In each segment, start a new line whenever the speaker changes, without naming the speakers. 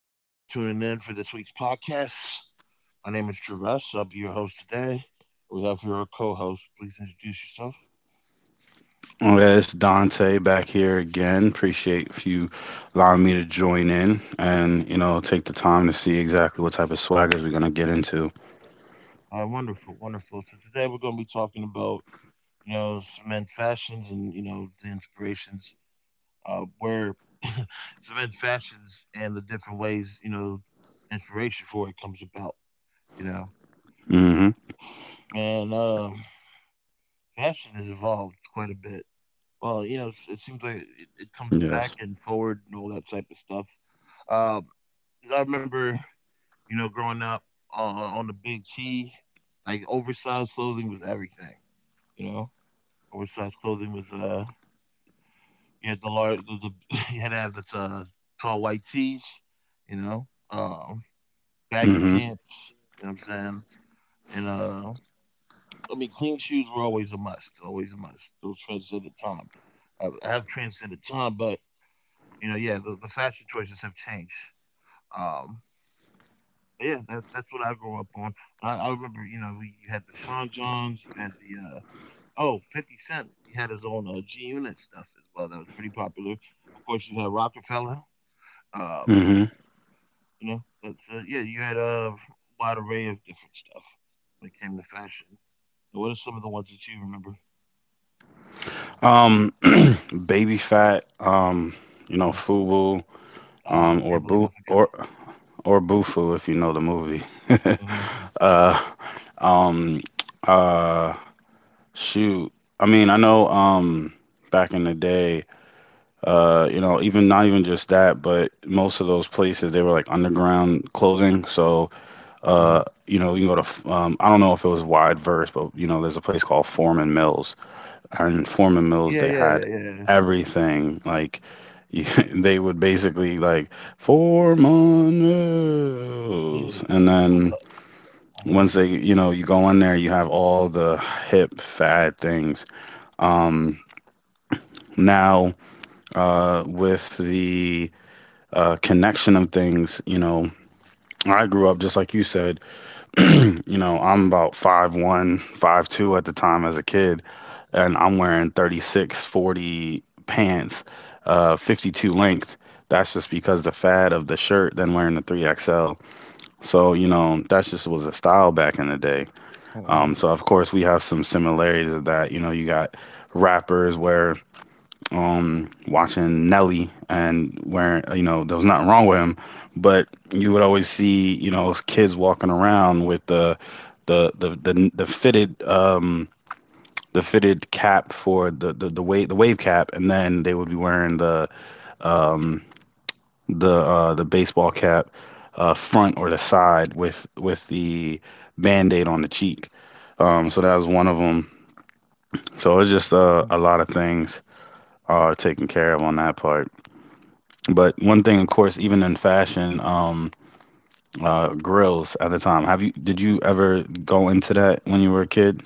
Thank y'all for tuning in for this week's podcast. My name is Travis. I'll be your host today. We have here our co-host. Please introduce yourself.
Well, yeah, it's Dante back here again. Appreciate if you allowing me to join in and, you know, take the time to see exactly what type of swaggers we're gonna get into.
All right, wonderful, wonderful. So today we're going to be talking about cement fashions and the inspirations where cement fashions and the different ways inspiration for it comes about. You know,
Mm-hmm.
man, um, fashion has evolved quite a bit. Well, yeah, it seems like it comes
Yes.
back and forward and all that type of stuff. Um, I remember, you know, growing up o on the Big T, like, oversized clothing was everything, you know? Oversized clothing was, you had the large, the you had to have the t tall white tees, you know, um, baggy
Mm-hmm.
pants, you know what I'm saying? And, uh, I mean, clean shoes were always a must, always a must. Those transcended time. I have transcended time, but you know, yeah, the fashion choices have changed. Um, but yeah, that's what I grew up on. I remember, you know, you had the Sean Johns, you had the oh, 50 Cent. He had his own G Unit stuff as well. That was pretty popular. Of course, you had Rockefeller. Um,
Mm-hmm.
you know, yeah, you had a wide array of different stuff when it came to fashion. What are some of the ones that you remember?
Um, baby fat, you know,
Hmm.
FUBU,
I
or
can't believe
boo
I forgot.
or Bufu if you know the movie.
Uh huh.
uh, um, uh, shoot. I mean, I know, back in the day. You know, even not even just that, but most of those places they were like underground clothing. So,
Uh huh.
you know, you can go to I don't know if it was wide verse, but you know, there's a place called Foreman Mills, and in Foreman Mills
Yeah,
they
yeah,
had
yeah,
everything. Like, you, they would basically like Foreman Mills,
yeah.
and then
Uh-huh. Uh-huh.
once they, you know, you go in there, you have all the hip fad things. Um, now, with the connection of things. You know, I grew up just like you said. You know, I'm about 5'1", 5'2" at the time as a kid, and I'm wearing 36, 40 pants, 52 length. That's just because the fad of the shirt, then wearing the 3XL. So, you know, that just was a style back in the day.
Mm-hmm.
So, of course, we have some similarities of that. You know, you got rappers wearing watching Nelly and where you know there was nothing wrong with him, but you would always see you know those kids walking around with the fitted the fitted cap for the wave cap, and then they would be wearing the um, the baseball cap front or the side with the band-aid on the cheek. So that was one of them. So it's just a lot of things are taken care of on that part. But one thing, of course, even in fashion, grills at the time. Have you did you ever go into that when you were a kid?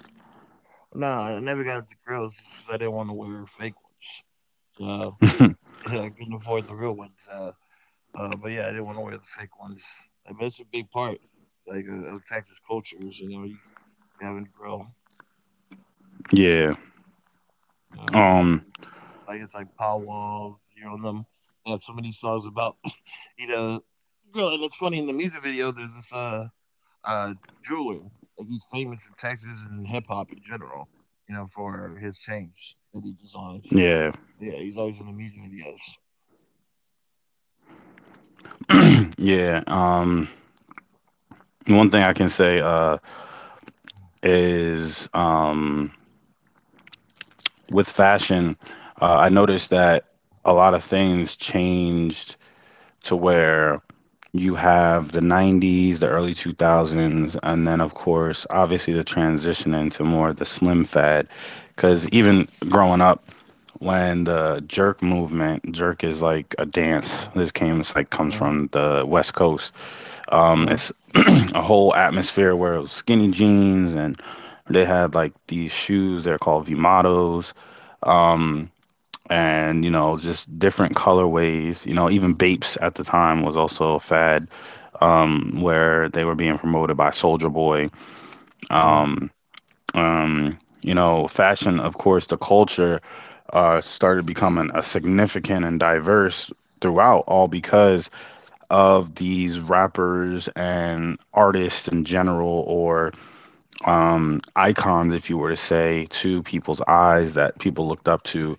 No, I never got the grills just 'cause I didn't wanna wear fake ones. So, yeah, I couldn't afford the real ones, but, yeah, I didn't wanna wear the fake ones. I mean, it's a big part, like, of Texas cultures. You know, you having to grill,
Yeah.
um,
Um,
like, it's like powwows, you know, them they have so many songs about, you know, grill. And it's funny in the music video, there's this, uh, jeweler, like, he's famous in Texas and hip hop in general, you know, for his chains that he designs.
yeah.
Yeah, he's always in the music videos.
Yeah. One thing I can say is with fashion, I noticed that a lot of things changed to where you have the 90s, the early 2000s, and then, of course, obviously the transition into more of the slim fad. Because
Mhm.
even growing up, when the jerk movement, jerk is like a dance. This came, it's like comes
Uh,
from the West Coast.
mhm.
It's a whole atmosphere where it was skinny jeans and they had like these shoes. They're called Vimatos. Um, and you know just different colorways, you know, even Bapes at the time was also a fad, where they were being promoted by Soldier Boy.
Uh,
um um you know, fashion, of course, the culture started becoming a significant and diverse throughout all because of these rappers and artists in general, or icons, if you were to say, to people's eyes that people looked up to.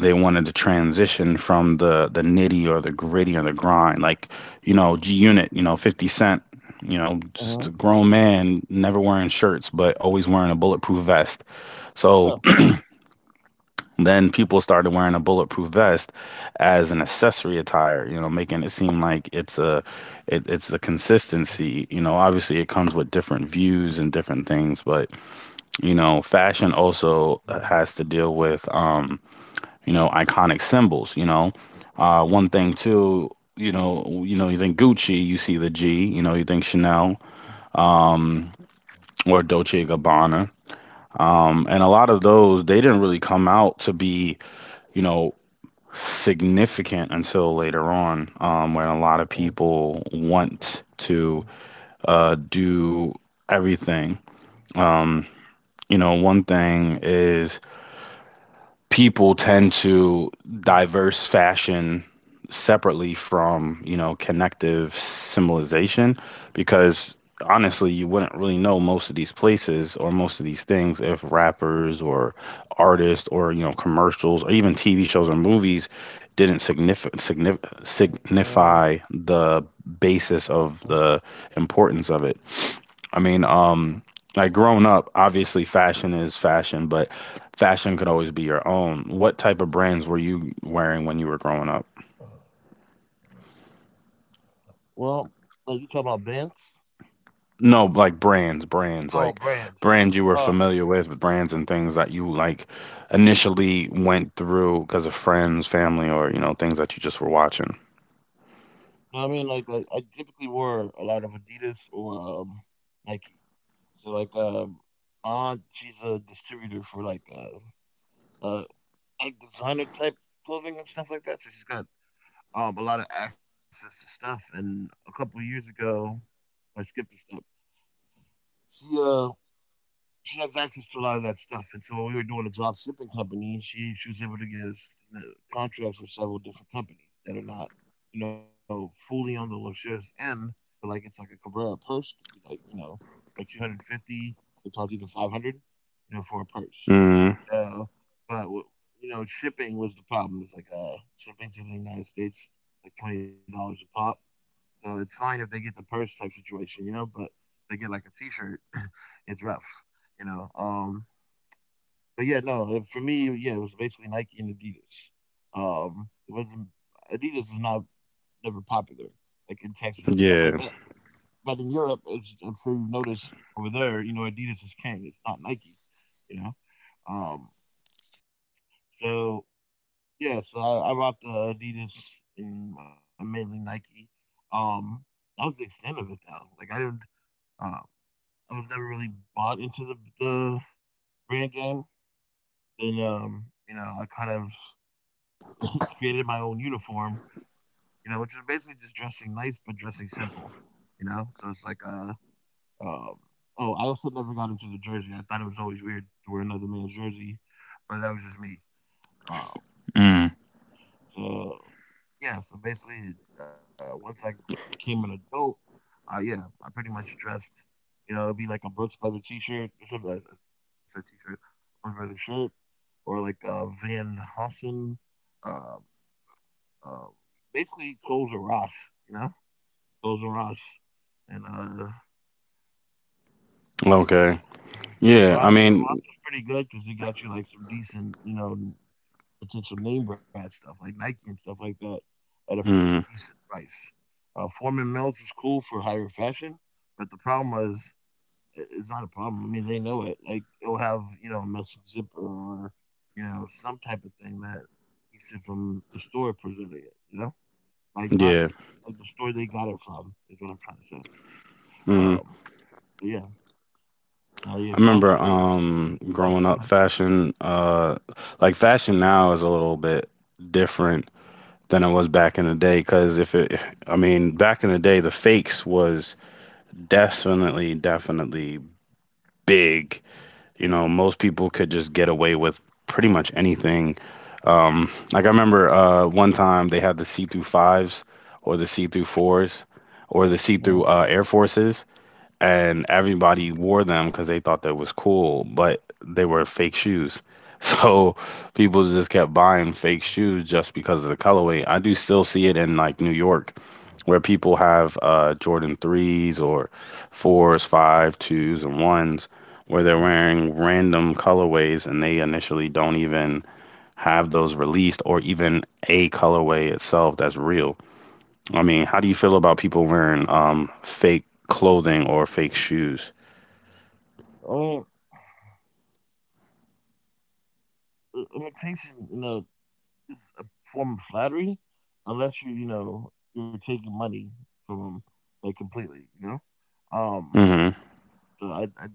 They wanted to transition from the nitty or the gritty or the grind, like, you know, g unit, you know, 50 Cent, you know,
mhm.
just a grown man never wearing shirts but always wearing a bulletproof vest.
Yeah.
So then people started wearing a bulletproof vest as an accessory attire, you know, making it seem like it's a it's a consistency. You know, obviously it comes with different views and different things, but you know fashion also,
Mhm,
has to deal with, you know, iconic symbols, you know. One
mhm,
thing too, you know, you think Gucci, you see the G, you know, you think Chanel,
mhm,
um, or Dolce& and Gabbana. And a lot of those, they didn't really come out to be, you know, significant until later
mhm,
on,
mhm,
when a lot
mhm,
of people want
mhm,
to do everything. Um, you know, one thing is, people tend to diverse fashion separately from, you know, connective symbolization, because honestly you wouldn't really know most of these places or most of these things if rappers or artists or you know commercials or even tv shows or movies didn't
mhm,
signify the basis
mhm,
of the importance of it. i mean um like, growing up, obviously fashion is fashion, but fashion could always be your own. What type of brands were you wearing when you were growing up?
mhm. Well, like you talking about bands?
No, like brands, brands,
Oh,
like
brands.
brands you were
Uh,
familiar with, but brands and things that you like initially went through because of friends, family, or you know, things that you just were watching.
no, I mean, like I typically wore a lot of Adidas or Nike. So like, my aunt, she's a distributor for uh, like designer type clothing and stuff like that. So she's got a lot of access to stuff. And a couple of years ago, I skipped a step. She uh, she has access to a lot of that stuff. And so when we were doing a drop shipping company, she was able to get us contracts with several different companies that are not, you know, fully on the luxurious end, but like it's like a Cabrera purse could be like you know, like 250, sometimes even 500, you know, for a purse.
Mm,
Uh, but w- you know, shipping was the problem. It's like shipping to the United States like $20 a pop, so it's fine if they get the purse type situation, you know, but they get like a T-shirt, it's rough, you know. But yeah, no, for me, yeah, it was basically Nike and Adidas. It wasn't Adidas was not never popular like in Texas and stuff like that.
yeah.
But in Europe, as I'm sure you've noticed over there, you know, Adidas is king. It's not Nike, you know. Um, so yeah, so I rocked Adidas and mainly Nike. Um, that was the extent of it though. Um, I was never really bought into the brand game. Then you know, I kind of created my own uniform, you know, which is basically just dressing nice but dressing simple, you know. So it's like um oh, I also never got into the jersey. I thought it was always weird to wear another man's jersey, but that was just me. Um,
Mm,
so yeah, so basically, once I became an adult, yeah, I pretty much dressed. You know, it'd be like a Brooks Brothers T-shirt. Or something. I said T-shirt, Brooks Brothers shirt, or like Van Hossen. Uh, uh, basically, clothes or Ross. You know, clothes or Ross. And yeah,
okay.
yeah,
Yeah, I
Ross.
mean,
Ross was pretty good because he got you like some decent, you know, potential name brand stuff like Nike and stuff like that at a
mm,
decent price. Foreman Mills is cool for higher fashion, but the problem was I- it's not a problem. I mean, they know it. Like it'll have you know a messy zipper or you know some type of thing that keeps it from the store presenting it. You know, like not
yeah.
like the store they got it from is what I'm trying to say.
Mm.
Um, but yeah, now yeah,
I remember,
fashion. Oh,
growing
go
up,
ahead.
fashion, like fashion now is a little bit different than it was back in the day. Because if it, I mean, back in the day, the fakes was definitely, definitely big. You know, most people could just get away with pretty much anything. Like I remember one
Mm,
time they had the see through fives or the see through fours or the see
mm,
through Air Forces, and everybody wore them because they thought that was cool, but they were fake shoes. So people just kept buying fake shoes just because of the colorway. I do still see it in like New York where people have Jordan 3s or
mm,
4s, 5, 2s, and 1s where they're
mm.
wearing random colorways and they initially don't even have those released or even a colorway itself that's real. I mean, how do you feel about people wearing fake clothing or fake shoes?
Imitation, you know, it's a form of flattery, unless you you know you're taking money from them like completely, you know. Um,
Mhm.
so I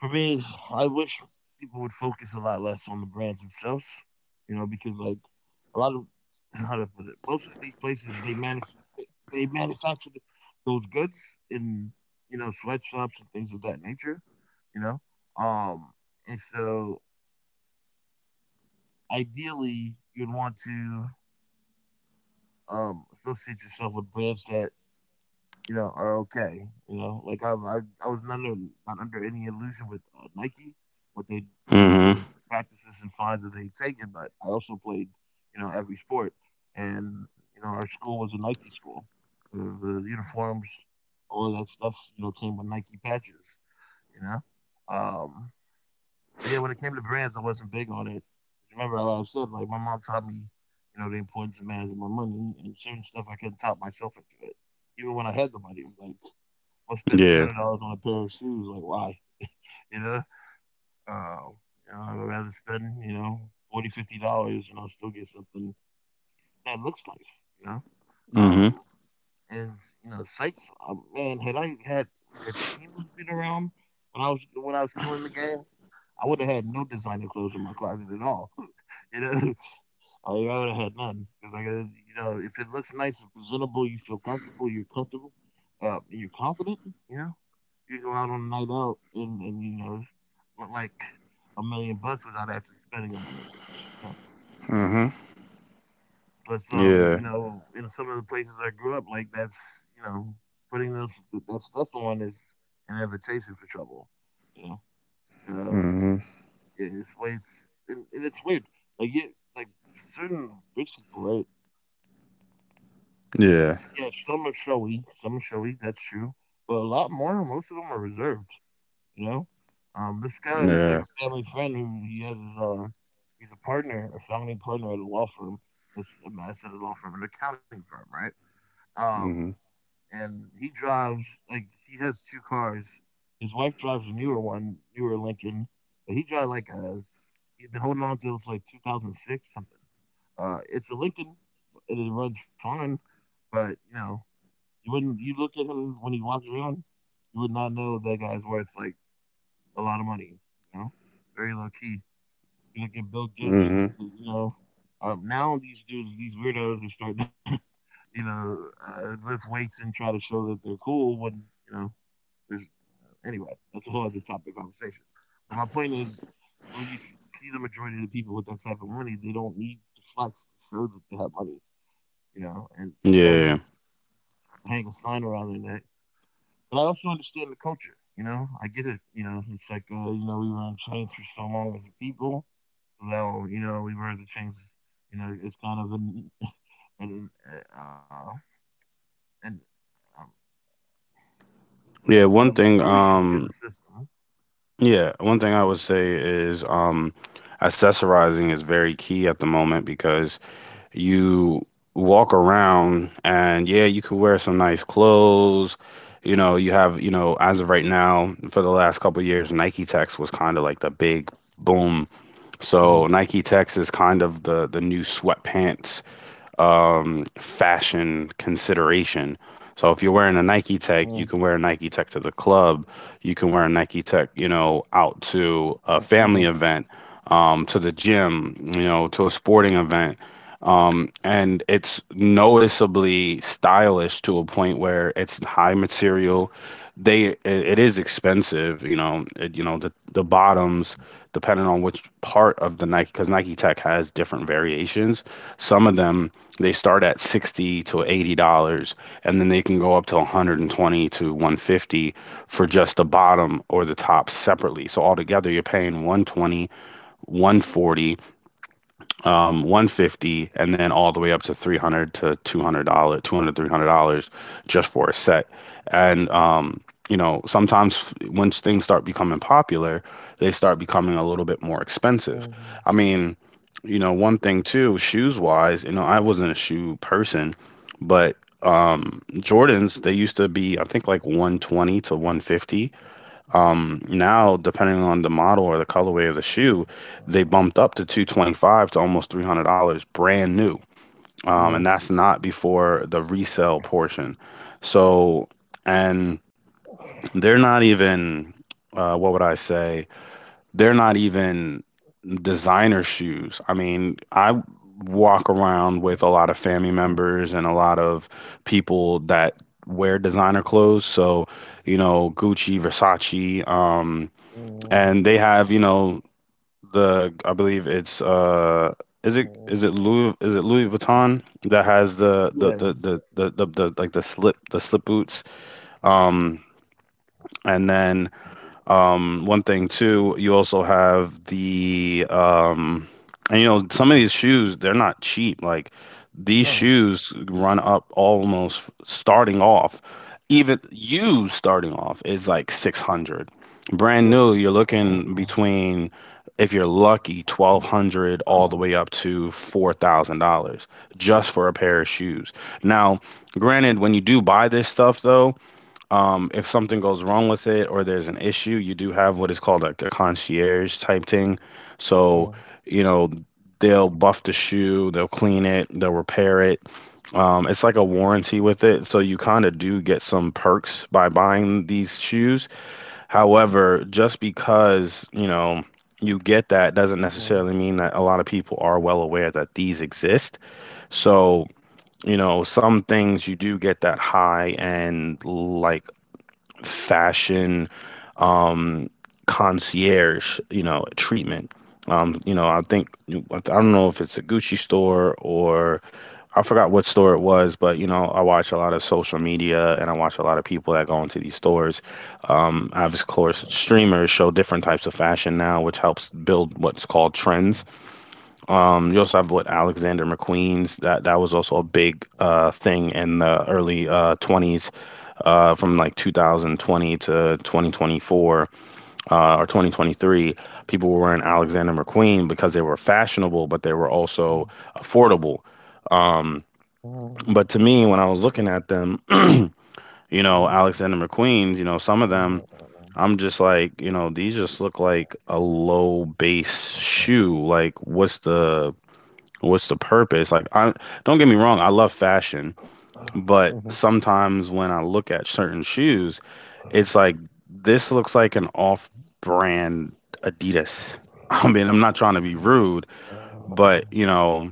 for me, I wish people would focus a lot less on the brands themselves, you know, because like a lot of, how to put it, most of these places they manage they they manufacture those goods in you know sweatshops and things of that nature, you know. Um, and so ideally you'd want to um, still, associate yourself with brands that you know are okay. You know, like I was not under, not under any illusion with Nike, what they, you know,
Mhm.
the practices and fines that they taken. But I also played, you know, every sport, and you know, our school was a Nike school. The uniforms, all of that stuff, you know, came with Nike patches. You know, but yeah, when it came to brands, I wasn't big on it. Remember, I was said, like my mom taught me, you know, the importance of managing my money and certain stuff I couldn't talk myself into it. Even when I had the money, it was like, I'll spend three
Yeah.
hundred dollars on a pair of shoes. Like, why? You know, uh, you know, I'd rather spend, you know, 40, $50 and I'll still get something that looks nice. You know,
Mhm.
um, and you know, Sykes, man, had I had team moving around when I was killing the game, I would have had no designer clothes in my closet at all. you know, like, I would have had none because like you know, if it looks nice and presentable, you feel comfortable, you're comfortable, and you're confident. You know, you go out on a night out and you know, look like a million bucks without actually spending a million bucks.
Mhm.
But
Yeah.
you know, in some of the places I grew up, like that's you know, putting that stuff on is an invitation for trouble. You know,
Mhm.
it's ways, and it's weird. Like yeah, like certain rich people, right?
Yeah.
Yeah, some are showy, some are showy. That's true, but a lot more. Most of them are reserved. You know, this guy is
Yeah.
like a family friend who he has his he's a partner, a founding partner at a law firm. I said a law firm, an accounting firm, right?
Mhm.
And he drives like he has two cars. His wife drives a newer one, newer Lincoln, but he drives like a he has been holding on to it for like 2006 something. It's a Lincoln, it runs fine, but you know you wouldn't you look at him when he walks around, you would not know that guy's worth like a lot of money. You know, very low key. You look at Bill Gates, you look
Mhm.
at, you know. Now these dudes, these weirdos, are starting to, you know, lift weights and try to show that they're cool when you know there's, anyway, that's a whole other topic of conversation. But my point is, when you see the majority of the people with that type of money, they don't need to flex to show that they have money, you know, and they don't need to
Yeah.
hang a sign around their neck. But I also understand the culture, you know, I get it, you know, it's like, you know, we were on chains for so long as a people, so, you know, we were the chains, you know, it's kind of an, uh, an um,
Yeah, one thing
screw you to the
um
system.
yeah, one thing I would say is, accessorizing is very key at the moment because you walk around and, yeah, you could wear some nice clothes. You know, you have, you know, as of right now, for the last couple of years, Nike Tex was kind of like the big boom.
Mhm,
So Nike Tech's is kind of the new sweatpants, fashion consideration. So if you're
mhm,
wearing a Nike Tech, you can wear a Nike Tech to the club. You can wear a Nike Tech, you know, out
mhm,
to a family event, to the gym, you know, to a sporting event. And it's noticeably stylish to a point where it's high material. It is expensive, you know, you know, the bottoms depending on which part of the Nike, because Nike Tech has different variations. Some of them they start at 60 to $80 and then they can go up to 120 to 150 for just the bottom or the top separately. So altogether you're paying 120, 140, 150, and then all the way up to 300 to $200 200 300 dollars, three hundred dollars just for a set. And, you know, sometimes once things start becoming popular they start becoming a little bit more expensive.
mhm.
I mean, you know, one thing too, shoes wise, you know, I wasn't a shoe person, but, Jordans, they used to be, I think, like 120 to 150. Now, depending on the model or the colorway of the shoe, they bumped
Mhm.
up to 225 to almost $300 brand new. And
Mhm.
that's not before the resale portion. So, and they're not even, what would I say? They're not even designer shoes. I mean, I walk around with a lot of family members and a lot of people that wear designer clothes. So, you know, Gucci, Versace, and they have, you know, the, I believe it's, is it
Mhm.
is it Louis is it Louis Vuitton, that has the
Yeah.
the the the the, the, the like the slip boots, um and then one thing too, you also have the, and you know some of these shoes they're not cheap. Like these
No.
shoes run up almost starting off, even you starting off is like 600.
Yeah.
Brand new, you're looking between, if you're lucky, 1200 all the way up to $4,000 just for a pair of shoes. Now, granted, when you do buy this stuff, though, if something goes wrong with it or there's an issue, you do have what is called like a concierge type thing. So,
Mm,
you know, they'll buff the shoe, they'll clean it, they'll repair it. It's like a warranty with it. So you kind of do get some perks by buying these shoes. However, just because, you know, you get that doesn't
mm,
necessarily mean that a lot of people are well aware that these exist. So, you know, some things you do get that high end, like fashion, um, concierge, you know, treatment. I think I don't know if it's a Gucci store or I forgot what store it was, but you know, I watch a lot of social media and I watch a lot of people that go into these stores. I've of course streamers show different types of fashion now, which helps build what's called trends. You also have what Alexander McQueen's, that was also a big thing in the early 20s from like 2020 to 2024 or 2023. People were wearing Alexander McQueen because they were fashionable but they were also
mm,
affordable. Um,
mm,
but to me when I was looking at them,
mm,
you know, Alexander McQueen's, you know,
mm,
some of them,
mm,
I'm just like, you know, these just look like a low base
mm.
shoe. Like, what's the purpose? Like I, don't get me wrong, I love fashion,
Mhm.
but sometimes when I look at certain shoes, it's like this looks like an off-brand Adidas. I mean, I'm not trying to be rude, but
Mm,
you know,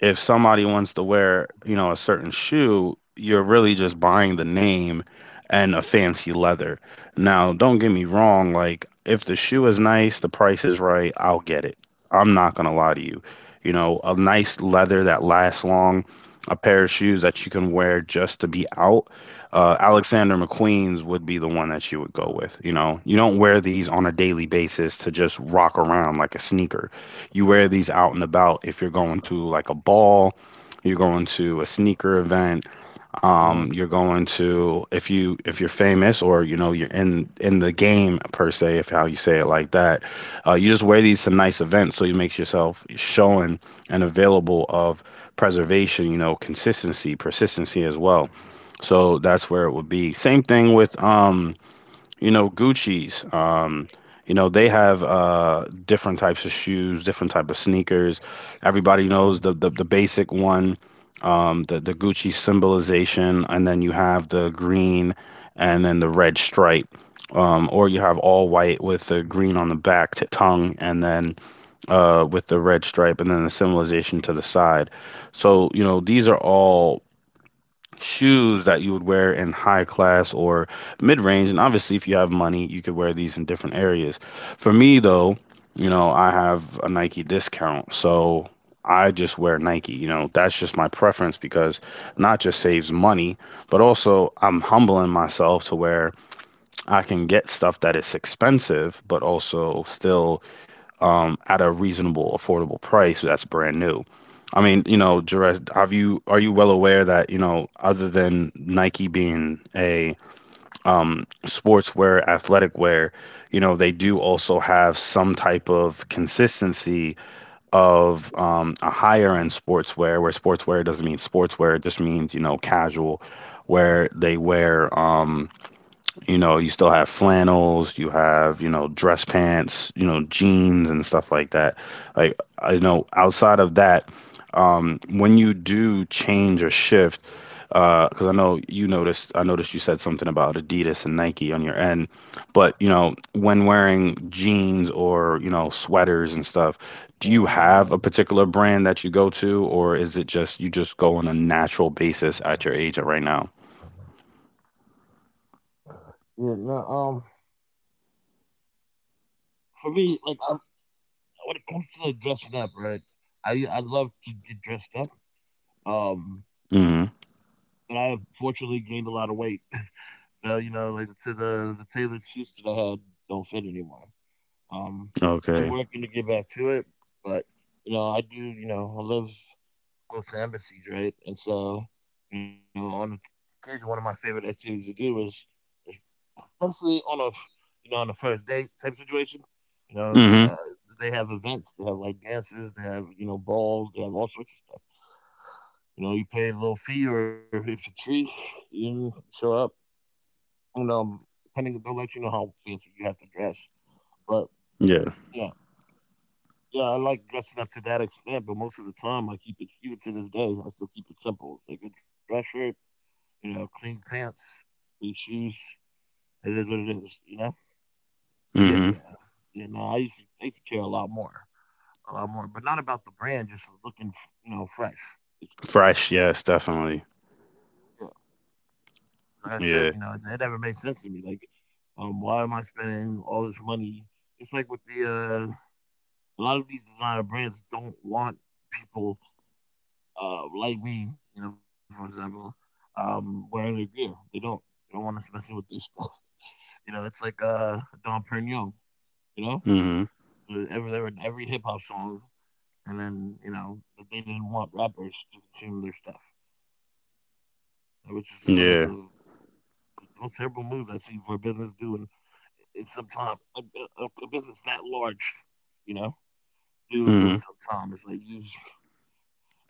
if somebody wants to wear, you know, a certain shoe, you're really just buying the name and a fancy leather. Now, don't get me wrong, like if the shoe is nice, the price is right, I'll get it. I'm not gonna lie to you. You know, a nice leather that lasts long, a pair of shoes that you can wear just to be out. Alexander McQueen's would be the one that you would go with. You know, you don't wear these on a daily basis to just rock around like a sneaker. You wear these out and about if you're going to like a ball, you're going to a sneaker event, you're going to, if you if you're famous or you know you're in the game per se, if how you say it like that, you just wear these to nice events so you makes yourself showing and available of preservation, you know, consistency, persistency as well. So that's where it would be. Same thing with you know, Gucci's, you know, they have different types of shoes, different type of sneakers. Everybody
mm,
knows the basic one, the Gucci symbolization, and then you have the green and then the red stripe. Or you have all white with the green on the back t tongue and then with the red stripe and then the symbolization to the side. So, you know, these are all shoes that you would wear in high class or mid range. And obviously, if you have money, you could wear these in different areas. For me, though, you know, I have a Nike discount. So I just wear Nike. You know, that's just my preference because not just saves money, but also I'm humbling myself to where I can get stuff that is expensive, but also still at a reasonable, affordable price that's brand new. I mean, you know, Jerez, have you are you well aware that, you know, other than Nike being a sportswear, athletic wear, you know, they do also have some type of consistency of a higher end sportswear, where sportswear doesn't mean sportswear, it just means, you know, casual,
mm.
where they wear you know, you still have flannels, you have, you know, dress pants, you know, jeans and stuff like that. Like, I know outside of that, when you do change or shift, because I noticed you said something about Adidas and Nike on your end, but, you know, when wearing jeans or, you know, sweaters and stuff, do you have
Uh,
a particular brand that you go to, or is it just you just go on a natural basis at your age right now?
Yeah, no, for me, like when it comes to like dressing up, right? I love to get dressed up. Um,
Mm-hmm.
but I have fortunately gained a lot of weight so, you know, like to the tailored suits that I had don't fit anymore. Um, I'm
Okay.
working to get back to it, but you know, I do. You know, I live close to embassies, right? And so, you know, on occasion, one of my favorite activities to do especially on a on a first date type situation. You know,
Mm-hmm.
they have events. They have like dances. They have, you know, balls. They have all sorts of stuff. You know, you pay a little fee, or if it's free, you show up and, depending they'll let you know how fancy you have to dress. But
Yeah.
yeah, yeah, I like dressing up to that extent, but most of the time I keep it, even to this day, I still keep it simple. It's like a dress shirt, you know, clean pants, clean shoes. It is what it is, you know? But yeah,
Mhm.
yeah. You know, I used to care a lot more. A lot more. But not about the brand, just looking, you know, fresh. Basically.
Fresh, yes, definitely.
Yeah. 'Cause like I said, you know,
Yeah.
it never made sense to me. Like, why am I spending all this money? It's like with the uh A lot of these designer brands don't want people like me, you know, for example, wearing their gear. They don't. They don't want us messing with their stuff. You know, it's like Dom Perignon, you know,
Mhm.
every hip hop song. And then, you know, but they didn't want rappers to consume their stuff, which is one of
Yeah.
the most terrible moves I see for a business doing in some time. A business that large, you know, do doing
Mhm.
some time. It's like you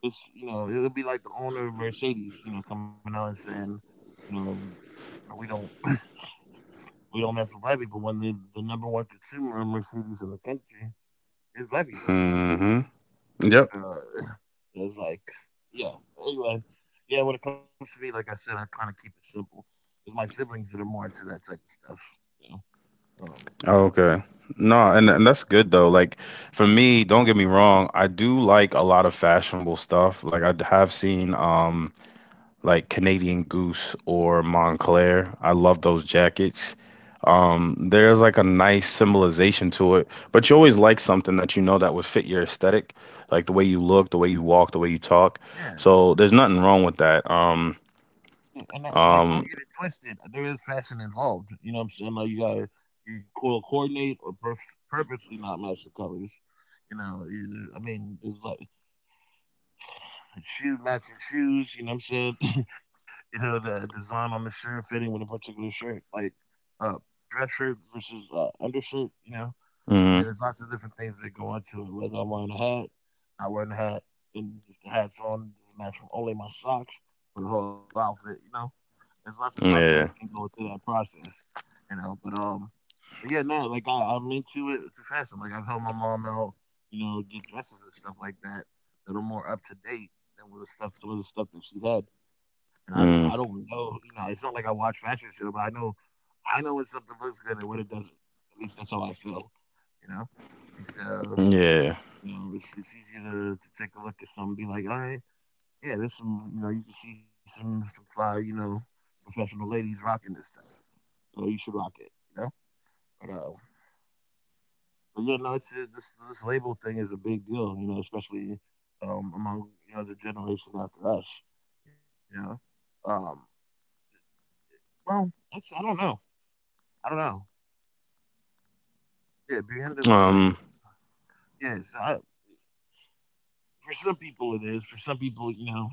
It's you know, it would be like the owner of Mercedes, you know, coming out and saying, you know, "No, we don't mess with black people," when the number one consumer of Mercedes in the country is black people.
Mhm. Yep.
Uh, it's like, yeah. Anyway, yeah. When it comes to me, like I said, I kind of keep it simple. It's my siblings that are more into that type of stuff. You know, um,
Okay. No, and that's good though. Like for me, don't get me wrong, I do like a lot of fashionable stuff. Like I have seen like Canadian Goose or Montclair. I love those jackets. There's like a nice symbolization to it, but you always like something that you know that would fit your aesthetic, like the way you look, the way you walk, the way you talk.
yeah.
So there's nothing wrong with that.
Yeah, and that, like, don't get it
Um,
twisted. There is fashion involved. You know what I'm saying? Like, you gotta coordinate or purposely not match the colors. You know, I mean, it's like shoe matching shoes. You know what I'm saying? you know, the design on the shirt fitting with a particular shirt, like uh, dress shirt versus undershirt. You know, I mean,
mhm,
there's lots of different things that go into it. Whether I'm wearing a hat, not wearing a hat, and if the hat's on, doesn't match from only my socks or the whole outfit. You know, there's lots of thought that can
yeah,
go into that process. You know, but yeah, no, like I'm into it to fashion. Like I've helped my mom out, you know, get dresses and stuff like that that are more up to date than with the stuff, some of the stuff that she had. And I
mm,
don't know, you know, it's not like I watch fashion show, but I know when something looks good and when it doesn't. At least that's how I feel, you know. And so,
yeah,
you know, it's easy to take a look at something, and be like, all right, yeah, there's some, you know, you can see some fly, you know, professional ladies rocking this stuff. So you should rock it, you know. But But yeah, no, it's this label thing is a big deal, you know, especially among, you know, the generation after us, you know. Um, well, actually, I don't know. I don't know. Yeah, BN doesn't really.
um,
Yeah, so for some people it is. For some people, you know,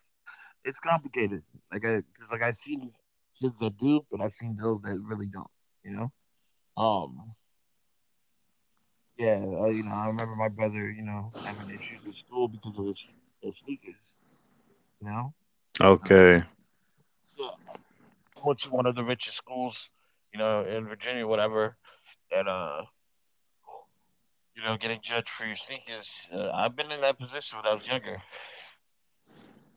it's complicated. Because like I've seen kids that do, but I've seen those that really don't. You know, um, yeah, you know, I remember my brother, you know, having issues at school because of his sneakers. You know, uh,
okay,
yeah, went to one of the richest schools, you know, in Virginia, whatever, and you know, getting judged for your sneakers. I've been in that position when I was younger.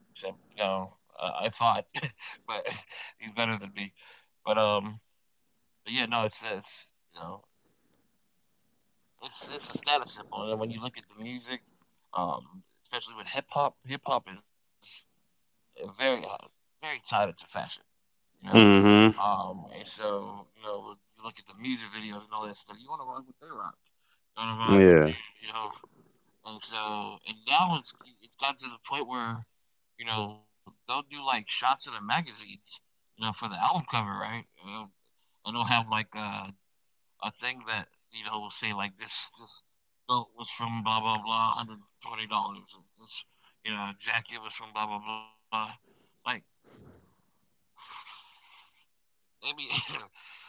Except, you know, I fought, but he's better than me. But yeah, no, it's you know, it's a status symbol, and when you look at the music, especially with hip hop is very very tied into fashion, you know.
mhm,
And so you know, when you look at the music videos and all that stuff. You want to rock what they rock. You want to rock what
yeah,
you know. And so, and now it's gotten to the point where, you know, they'll do like shots of the magazines, you know, for the album cover, right? And they'll have like a thing that you know will say like this belt was from blah blah blah, $120. This, you know, jacket was from blah blah blah. Like maybe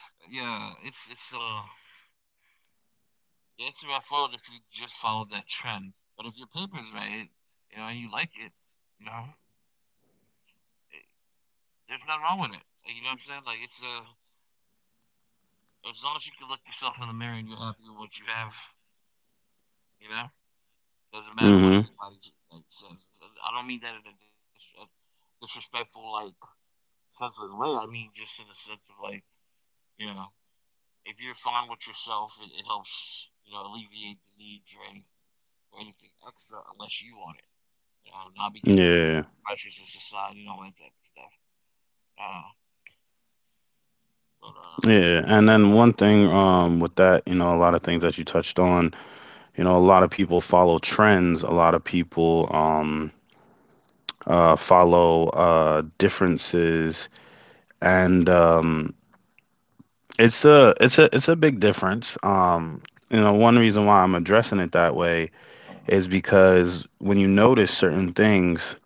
yeah, it's it's a rough road if you just follow that trend. But if your paper's right, you know, and you like it, you know, it, there's nothing wrong with it. Like, you know what I'm saying? Like it's as long as you can look yourself in the mirror and you're happy with what you have, you know, doesn't matter what
mhm,
anybody like says. I don't mean that in a disrespectful, like senseless way. I mean just in the sense of like, you know, if you're fine with yourself, it helps, you know, alleviate the need for any for anything extra unless you want it. You know, not because of the
yeah,
pressures of society and all that type of stuff. Uh, but
yeah. And then one thing, with that, you know, a lot of things that you touched on, you know, a lot of people follow trends, a lot of people follow differences, and it's a it's a big difference. You know, one reason why I'm addressing it that way is because when you notice certain things,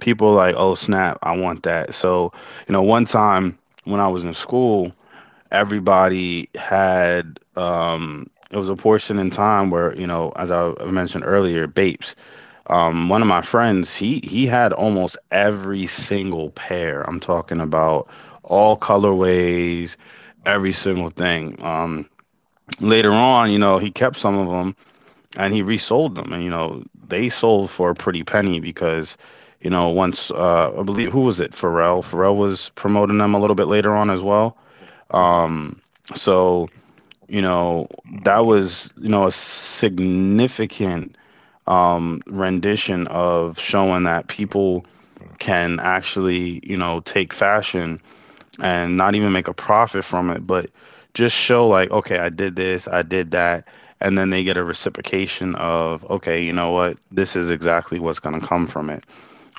people are like, "Oh snap, I want that." So, you know, one time when I was in school, everybody had it was a portion in time where, you know, as I mentioned earlier, Bapes. One of my friends, he had almost every single pair. I'm talking about all colorways, every single thing. Later on, you know, he kept some of them and he resold them, and you know, they sold for a pretty penny because, you know, once I believe who was it? Pharrell. Pharrell was promoting them a little bit later on as well. Um, so you know, that was you know a significant rendition of showing that people can actually, you know, take fashion and not even make a profit from it, but just show like, okay, I did this, I did that, and then they get a reciprocation of, okay, you know what, this is exactly what's gonna come from it.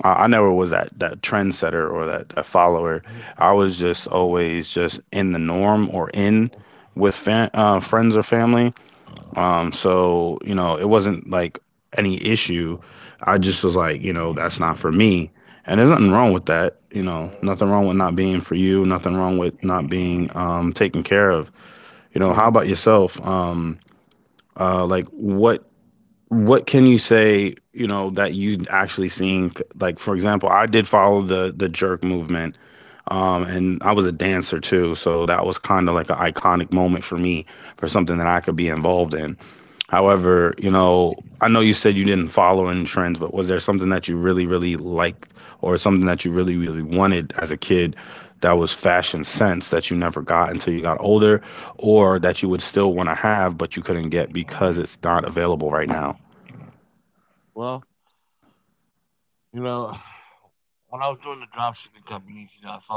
I never was that trendsetter or that follower. I was just
um.
always just in the norm or in with friends or family,
Mhm.
so, you know, it wasn't like any issue. I just was like, you know, that's not for me. And there's nothing wrong with that, you
Mhm,
know, nothing wrong with not being for you, nothing wrong with not being taken care of. You know, how
mhm.
about yourself? Like what can you say, you know, that you actually seen like, for example, I did follow the jerk movement. And I was a dancer too, so that was kind of like an iconic moment for me for something that I could be involved in. However, you know, I know you said you didn't follow in trends, but was there something that you really, really liked or something that you really, really wanted as a kid that was fashion sense that you never got until you got older or that you would still want to have but you couldn't get because it's not available right now?
Well, you know, when I was doing the drop shipping companies, you know, I followed,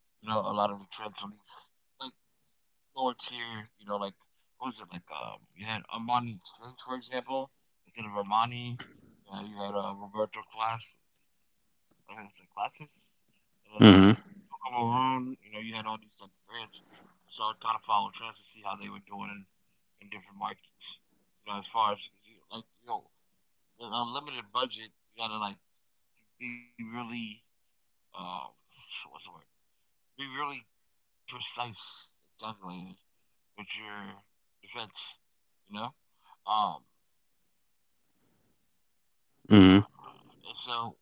you know, a lot of the trends on these like lower tier, you know, like what was it like you had Armani Exchange, for example, instead of Armani, you know, you had Roberto Class, I think it's like classes. And then
Hmm.
Duco Maroon, you know, you had all these type of brands. So I kinda followed trends to see how they were doing in different markets. You know, as far as like, you know, with unlimited budget, you gotta like be really um what's the word? Be really precise and calculated with your defense, you know? Um
Hmm.
and so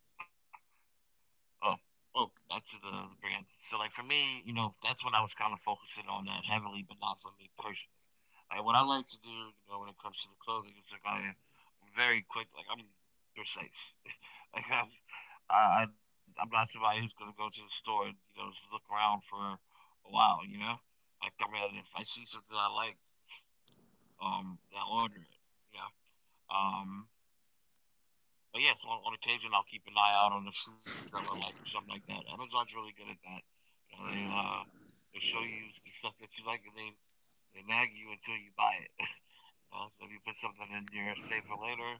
oh, oh, that's the brand. So, like, for me, you know, that's when I was kind of focusing on that heavily, but not for me personally. Like, what I like to do, you know, when it comes to the clothing, it's like I'm very quick. Like, I'm precise. like, I'm not somebody who's gonna go to the store and you know just look around for a while. You know, like I mean, if I see something I like, I'll order it. You know, um, but yes, yeah, so on occasion I'll keep an eye out on the shoes that I like or something like that. Amazon's really good at that. You know, they show you the stuff that you like and they nag you until you buy it. you know, so if you put something in your safe for later,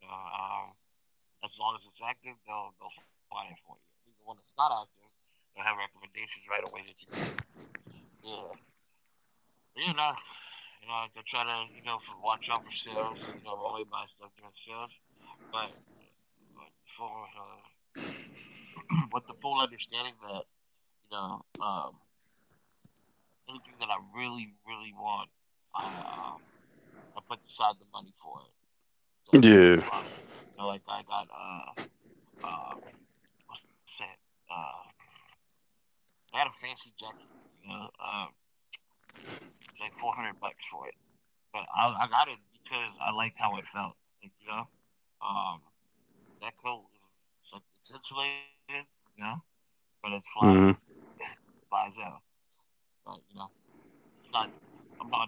uh, um, as long as it's active, they'll find it for you. Even when it's not active, they'll have recommendations right away that you can click. Yeah, you know, they try to, you know, watch out for sales. You know, always buy stuff during sales, but for uh, with the full understanding that you know anything that I really, really want, I um, I put aside the money for it. So that's a really
Yeah.
cause. You know, like I got um, what's that? Uh, I got a fancy jacket. You know, it's like $400 for it, but I got it because I liked how it felt. Like, you know, um, that coat is it's, like, it's insulated. You know, but it flies
Hmm.
out. But you know, it's not. I'm not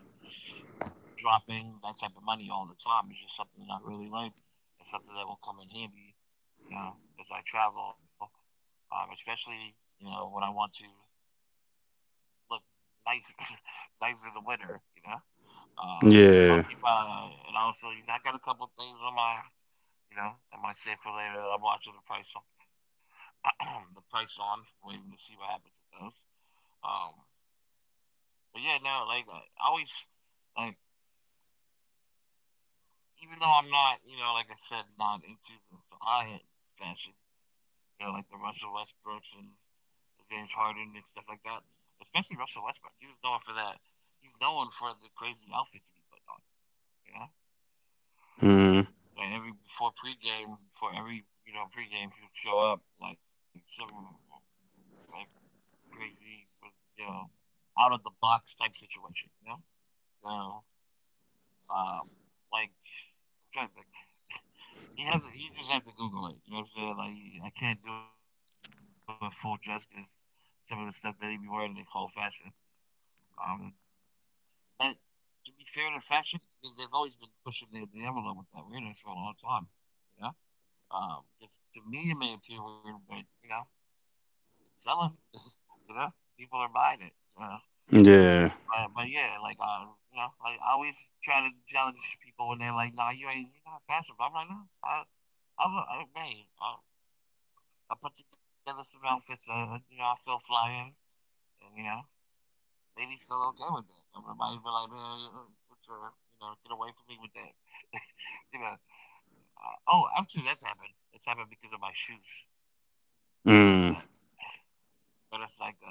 dropping that type of money all the time. It's just something that I really like. It's something that will come in handy, you know, as I travel, especially you know when I want to look nice, nice in the winter, you know. I'll
Yeah.
keep on, and also you know, I got a couple of things on my, you know, in my safe for later that I'm watching the price on, the price on, waiting to see what happens with those. Um, but yeah, no, I always like even though I'm not, you know, like I said, not into the high end fashion, you know, like the Russell Westbrooks and the James Harden and stuff like that. Especially Russell Westbrook, he was known for that. He's known for the crazy outfits he put on. You know,
Hmm.
like every before pregame, before every you know pregame, he would show up like some like crazy, you know, out of the box type situation. So um, like I'm trying to think. He has. You just have to Google it. You know what I'm saying? Like I can't do it full justice. Some of the stuff that he be wearing they call fashion. Um, but to be fair to fashion, I mean, they've always been pushing the envelope with that weirdness for a long time. You know, because to me it may appear weird, but you know, it's selling. You know, people are buying it. So
Yeah.
but yeah, you know, like I always try to challenge people when they're like, "Nah, you ain't, you're not fashion." But I'm like, "No, I man, I put together some outfits. You know, I feel flying, and you know, ladies feel okay with that. Everybody's been like, man, what's your, you know, get away from me with that. You know, oh, actually, that's happened. It's happened because of my shoes. I remember that.
Mm.
But it's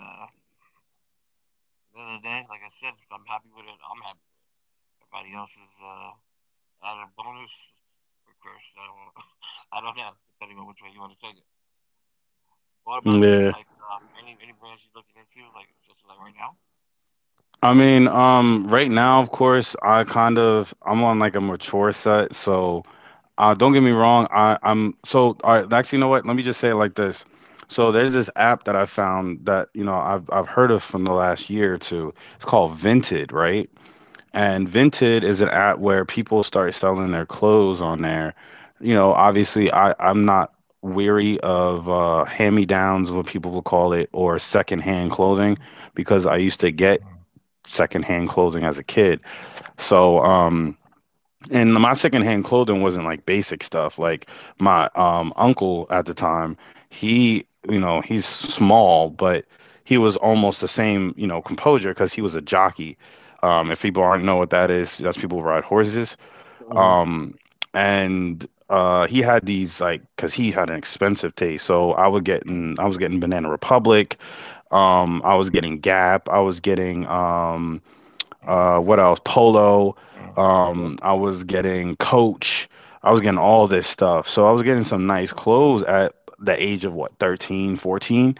the other day, like I said, if I'm happy with it, I'm happy with it. Everybody else is at a bonus or curse. I don't, I don't know. Depending on which way you want to take it. What about you? Like
Yeah.
any brands you're looking into? Like just like right now.
I mean, right now, of course, I kind of I'm on like a mature set, so, don't get me wrong. I, I'm so All right. Actually, you know what? Let me just say it like this. So there's this app that I found that you know I've heard of from the last year or two. It's called Vinted, right?
Mm-hmm.
And Vinted is an app where people start selling their clothes on there. You know, obviously I'm not weary of hand-me-downs, what people will call it, or secondhand clothing because I used to get secondhand clothing as a kid. So and my secondhand clothing wasn't like basic stuff. Like my uncle at the time, he, you know, he's small, but he was almost the same, you know, composure because he was a jockey. If people aren't know what that is, that's people who ride horses.
Hmm.
Um, and he had these like because he had an expensive taste. So
Okay.
I was getting Banana Republic. I was getting Gap. I was getting
Uh-huh.
what else? Polo.
Uh-huh.
I was getting Coach. I was getting all this stuff. So I was getting some nice clothes at the age of what, 13, 14?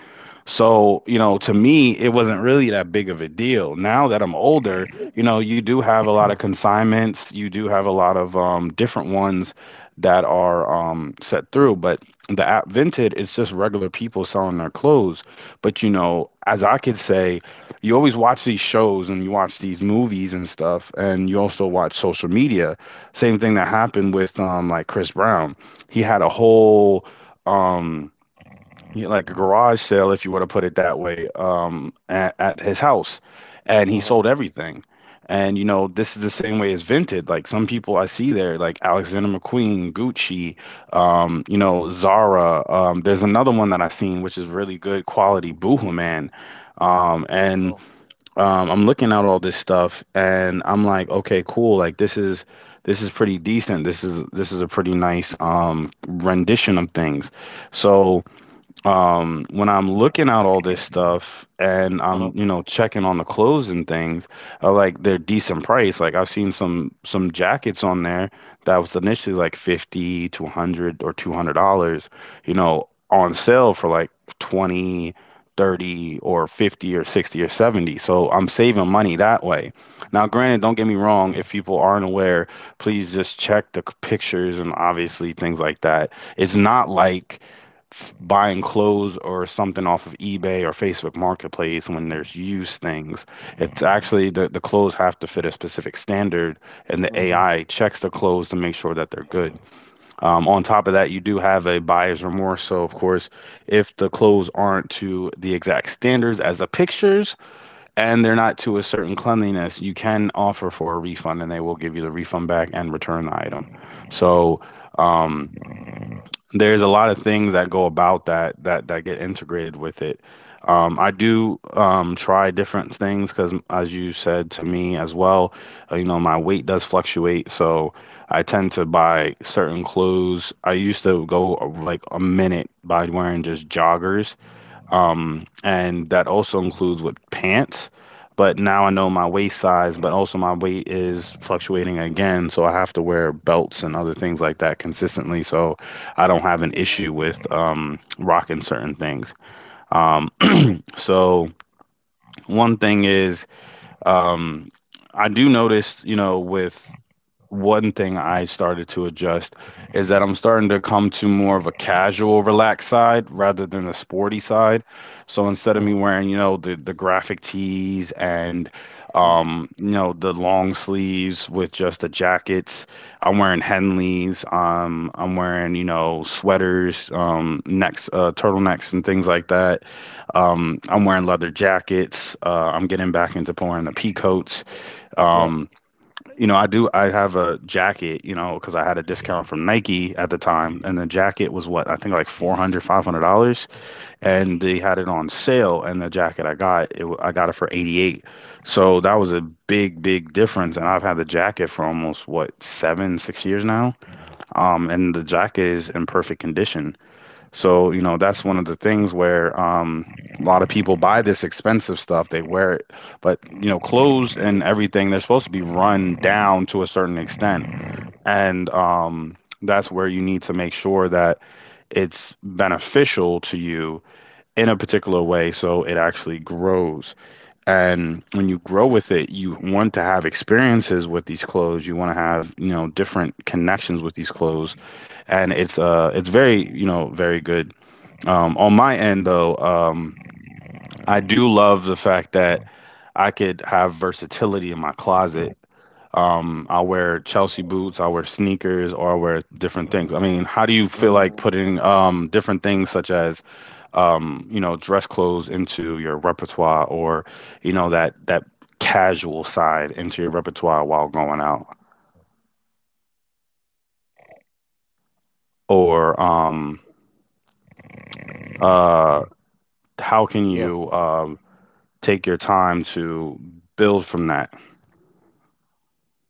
So, you know, to me, it wasn't really that big of a deal. Now that I'm older, you know, you do have a lot of consignments, you do have a lot of different ones that are set through. But the app Vinted, it's just regular people selling their clothes. But, you know, as I could say, you always watch these shows and you watch these movies and stuff, and you also watch social media. Same thing that happened with like Chris Brown. He had a whole um like a garage sale, if you were to put it that way, at his house, and he sold everything. And you know, this is the same way as Vinted. Like some people I see there, like Alexander McQueen, Gucci, you know, Zara. There's another one that I seen which is really good quality, Boohoo Man.
Oh,
And I'm looking at all this stuff and I'm like, okay, cool. Like this is pretty decent. This is a pretty nice rendition of things. So when I'm looking at all this stuff
uh-huh.
and
Uh-huh.
I'm, you know, checking on the clothes and things, like they're decent price. Like I've seen some jackets on there that was initially like 50 to 100 or $200, you know, on sale for like 20, 30 or 50 or 60 or 70, so I'm saving money that way. Now granted, don't get me wrong, if people aren't aware, please just check the pictures and obviously things like that. It's not like
Uh-huh.
buying clothes or something off of eBay or Facebook Marketplace when there's used things. It's actually the clothes have to fit a specific standard, and the
Uh-huh.
AI checks the clothes to make sure that they're good. On top of that, you do have a buyer's remorse. So, of course, if the clothes aren't to the exact standards as the pictures and they're not to a certain cleanliness, you can offer for a refund and they will give you the refund back and return the item. So, um, there's a lot of things that go about that that get integrated with it. I do try different things because, as you said to me as well, you know, my weight does fluctuate, so I tend to buy certain clothes. I used to go like a minute by wearing just joggers, and that also includes with pants. But now I know my waist size, but also my weight is fluctuating again, so I have to wear belts and other things like that consistently, so I don't have an issue with rocking certain things. Um,
Uh-huh.
so one thing is, um, I do notice, you know, with one thing I started to adjust is that I'm starting to come to more of a casual, relaxed side rather than a sporty side. So
Uh-huh.
instead of me wearing, you know, the graphic tees and, you know, the long sleeves with just the jackets, I'm wearing Henleys, I'm wearing, you know, sweaters, turtlenecks and things like that. I'm wearing leather jackets. I'm getting back into pouring the pea coats.
Yeah.
Um, you know, I do. I have a jacket, you know, because I had a discount from Nike at the time, and the jacket was what I think like 400, $500, and they had it on sale. And the jacket I got, I got it for 88. So that was a big, big difference. And I've had the jacket for almost what seven, 6 years now. And the jacket is in perfect condition. So, you know, that's one of the things where, a lot of people buy this expensive stuff. They wear it, but, you know, clothes and everything, they're supposed to be run down to a certain extent. And that's where you need to make sure that it's beneficial to you in a particular way so it actually grows. And when you grow with it, you want to have experiences with these clothes. You want to have, you know, different connections with these clothes. And it's very, you know, very good on my end. Though, I do love the fact that I could have versatility in my closet. I'll wear Chelsea boots, I'll wear sneakers, or I'll wear different things. I mean, how do you feel like
Mm,
putting, different things such as, you know, dress clothes into your repertoire or, you know, that casual side into your repertoire while going out? Or uh how
yeah.
can you take your time to build from that?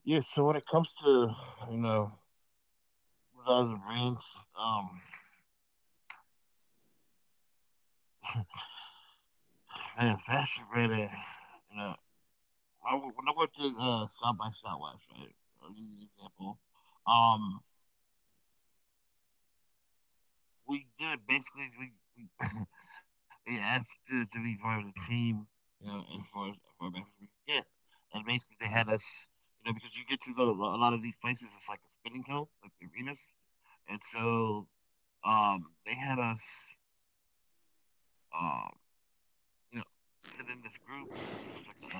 Yeah. So when it comes to you know what other brands, um, man, fashion brand, you know, when I went to South by Southwest, right? I'll give you an example. Um, we good. Basically, we, we asked to be part of the team, you know, as far back as we could get. And basically, they had us, you know, because you get to the, a lot of these places, it's like a spinning hill, like the arenas, and so they had us, um, you know, sit in this group. I think it was like,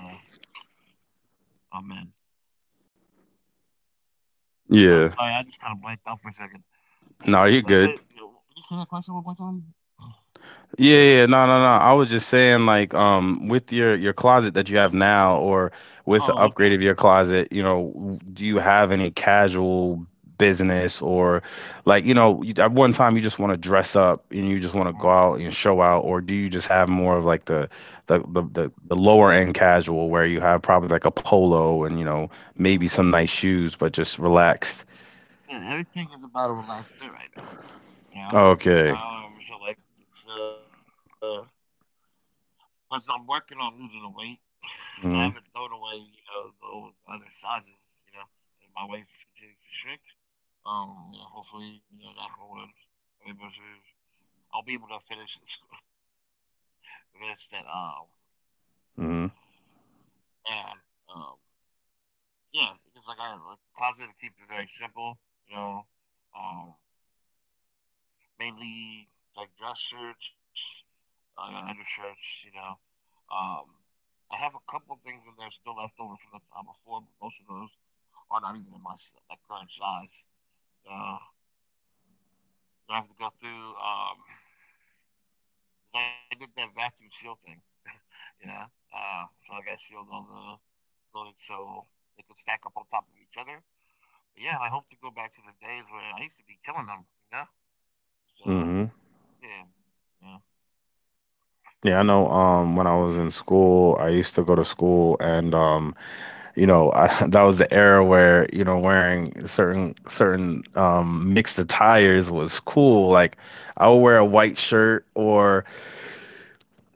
oh man,
Yeah.
sorry, I just kind of blanked out for a second.
No, you're good.
Okay, you know, did you say that question one more time?
Yeah, yeah, no, no, no. I was just saying, like, with your closet that you have now, or
Oh,
with the
okay.
upgrade of your closet, you know, do you have any casual business or, like, you know, you, at one time you just want to dress up and you just want to go
Uh,
out and show out, or do you just have more of like the lower end casual where you have probably like a polo and, you know,
mm,
maybe some
cool.
nice shoes, but just relaxed.
Yeah, everything is about a relaxed fit right now. Yeah.
Okay.
So like it's plus I'm working on losing the weight, so I haven't thrown away
Mm-hmm.
you know those other sizes. You know, and my waist continues to shrink. You know, hopefully you know knock on wood, I'm able to, I'll be able to finish this, finish that
Mm-hmm.
and um yeah because like I like the closet I keep is very simple. You know, um, mainly like dress shirts, undershirts. You know, Um, I have a couple things in there still left over from the time before, but most of those are not even in my like current size. So I have to go through. I did that vacuum seal thing, you know. So I got sealed on the building so they could stack up on top of each other. But yeah, I hope to go back to the days where I used to be killing them, you know. So
Mm-hmm.
yeah, yeah.
Yeah, I know. When I was in school, I used to go to school, and, you know, I, that was the era where, you know, wearing certain mixed attires was cool. Like, I would wear a white shirt or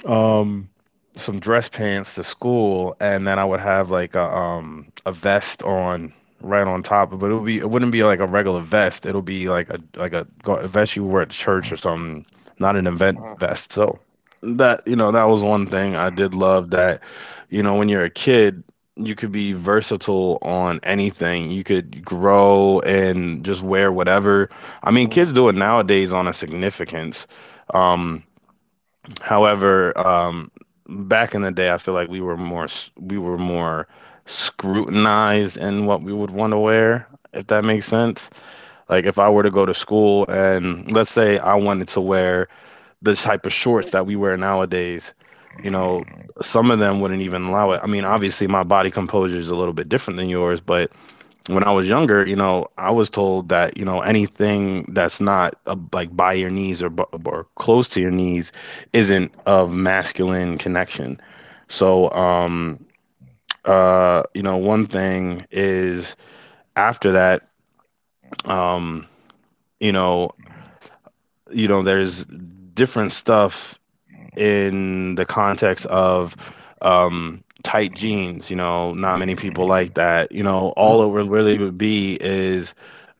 um some dress pants to school and then I would have like a vest on right on top, but it would be, it wouldn't be like a regular vest, it'll be like a a vest you wear at church or something, not an event
Uh,
vest. So that, you know, that was one thing I did love, that you know when you're a kid you could be versatile on anything. You could grow and just wear whatever. I mean,
mm.
kids do it nowadays on a significance. um However, back in the day, I feel like we were more we were more scrutinized in what we would want to wear, if that makes sense. Like if I were to go to school and let's say I wanted to wear the type of shorts that we wear nowadays, you know, some of them wouldn't even
Mm.
allow it. I mean, obviously my body composure is a little bit different than yours, but when I was younger, you know, I was told that, you know, anything that's not, like by your knees or, or close to your knees isn't of masculine connection. So, you know, one thing is after that, um, you know, you know, there's different stuff in the context of, tight jeans. You know, not many people like that. You know,
Mm.
all it would really would be is,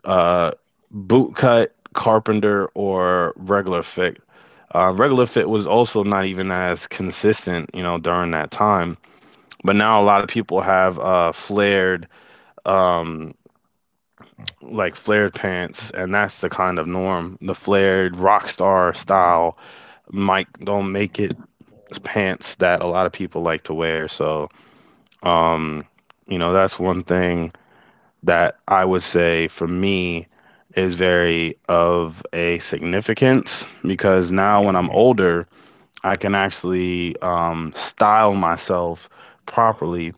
uh, boot cut, carpenter, or regular fit. Regular fit was also not even as consistent, you know, during that time. But now a lot of people have, flared, um, like flared pants, and that's the kind of norm. The flared rock star style. Mike, don't make it pants that a lot of people like to wear. So, um, you know, that's one thing that I would say for me is very of a significance because now when I'm older, I can actually, style myself properly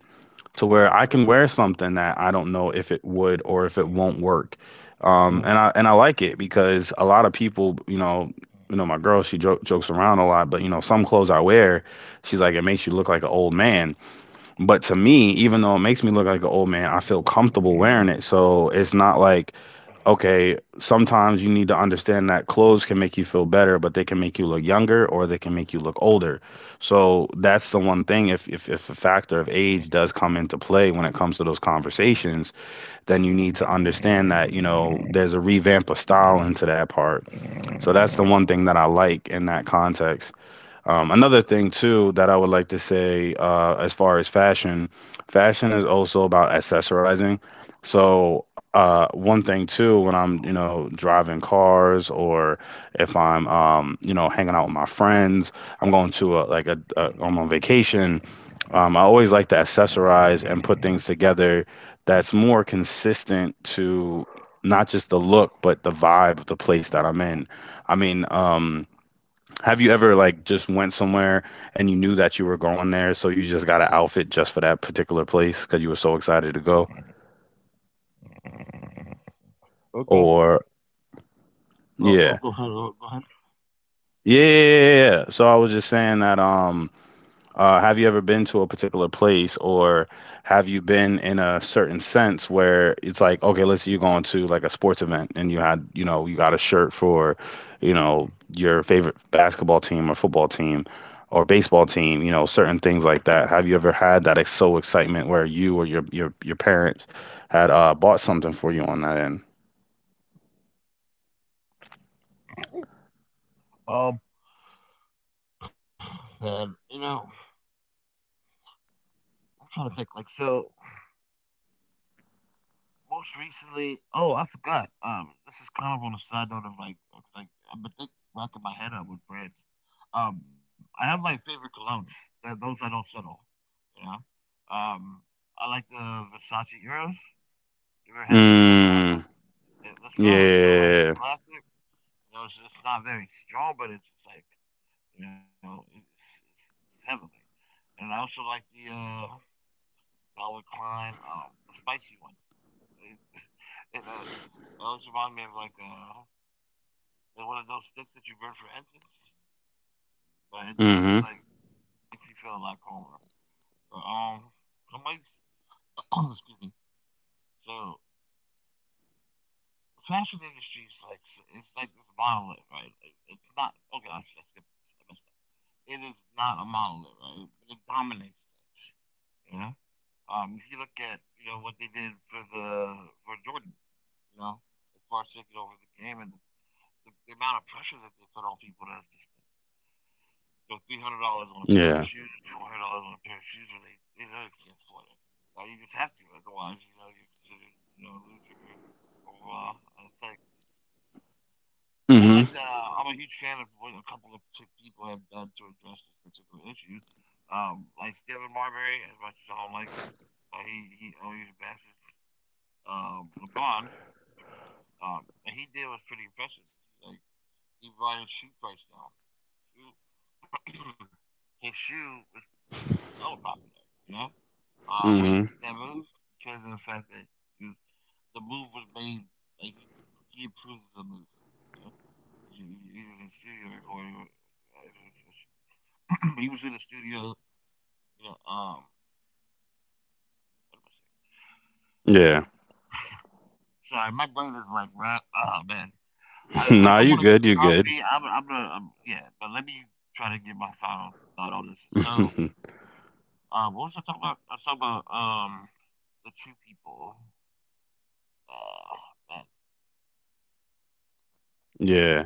to where I can wear something that I don't know if it would or if it won't work. And I like it because a lot of people, you know, my girl, she jokes around a lot, but you know, some clothes I wear, she's like, it makes you look like an old man. But to me, even though it makes me look like an old man, I feel comfortable wearing it. So it's not like okay, sometimes you need to understand that clothes can make you feel better, but they can make you look younger or they can make you look older. So that's the one thing. If the factor of age does come into play when it comes to those conversations, then you need to understand that, you know, there's a revamp of style into that part. So that's the one thing that I like in that context. Another thing too that I would like to say, as far as fashion, fashion is also about accessorizing. So, one thing too, when I'm, you know, driving cars or if I'm, you know, hanging out with my friends, I'm going to a, like a I'm on vacation. I always like to accessorize and put things together that's more consistent to not just the look but the vibe of the place that I'm in. I mean. Have you ever like just went somewhere and you knew that you were going there, so you just got an outfit just for that particular place because you were so excited to go?
Okay.
Or
Oh,
yeah.
oh, go ahead, go ahead.
Yeah, yeah, yeah, yeah, yeah. So I was just saying that, have you ever been to a particular place or have you been in a certain sense where it's like, okay, let's say you're going to like a sports event and you had, you know, you got a shirt for, you know, your favorite basketball team or football team or baseball team, you know, certain things like that. Have you ever had that ex so excitement where you or your parents had bought something for you on that end?
Um, and you know, I'm trying to think. Like, so most recently, oh, I forgot. This is kind of on a side note of like, I've been think, racking my head up with brands. Um, I have like favorite colognes. That, those I don't settle. You know. Um, I like the Versace Euros. You ever had? You ever had the one?
Mm,
Yeah, the smell is so like
yeah.
classic. You know, it's not very strong, but it's, just like you know, it's heavenly. And I also like the Calvin Klein, the spicy one. It's- it always reminds me of like one of those sticks that you burn for incense, but it does like
Mm-hmm.
makes you feel a lot calmer. But, somebody's excuse me. So the fashion industry is like it's like this monolith, right? Like, it's not okay. Skipped- I messed up. It is not a monolith, right? But it dominates things. You know. If you look at you know what they did for the for Jordan, you know, as far as taking over the game and the amount of pressure that they put on people that has to spend you know, $300 on a pair of
Yeah.
shoes, $400 on a pair of shoes, and they know they can't afford it. Like you just have to, otherwise you know you're considered you know a loser or it's like I
Mm-hmm.
like that. I'm a huge fan of what a couple of people have done to address this particular issue. Like Stephen Marbury, as much as I don't like, he always oh, bashes LeBron. And he did was pretty impressive. Like he brought his shoe price down. Shoe, his shoe was hella popular. You know, when he did
Mm-hmm.
that move, because of the fact that he was, the move was made like he approved of the move. You know? He was in the studio recording. he was in the studio. You know, what am I saying?
Yeah.
Sorry, my brain is like, right, oh man, I
Nah,
don't
you
want to go
good, you good.
coffee. Yeah, but let me try to get my final thought on this. So, What was I talking about? I was talking about the two people. Uh, man.
Yeah.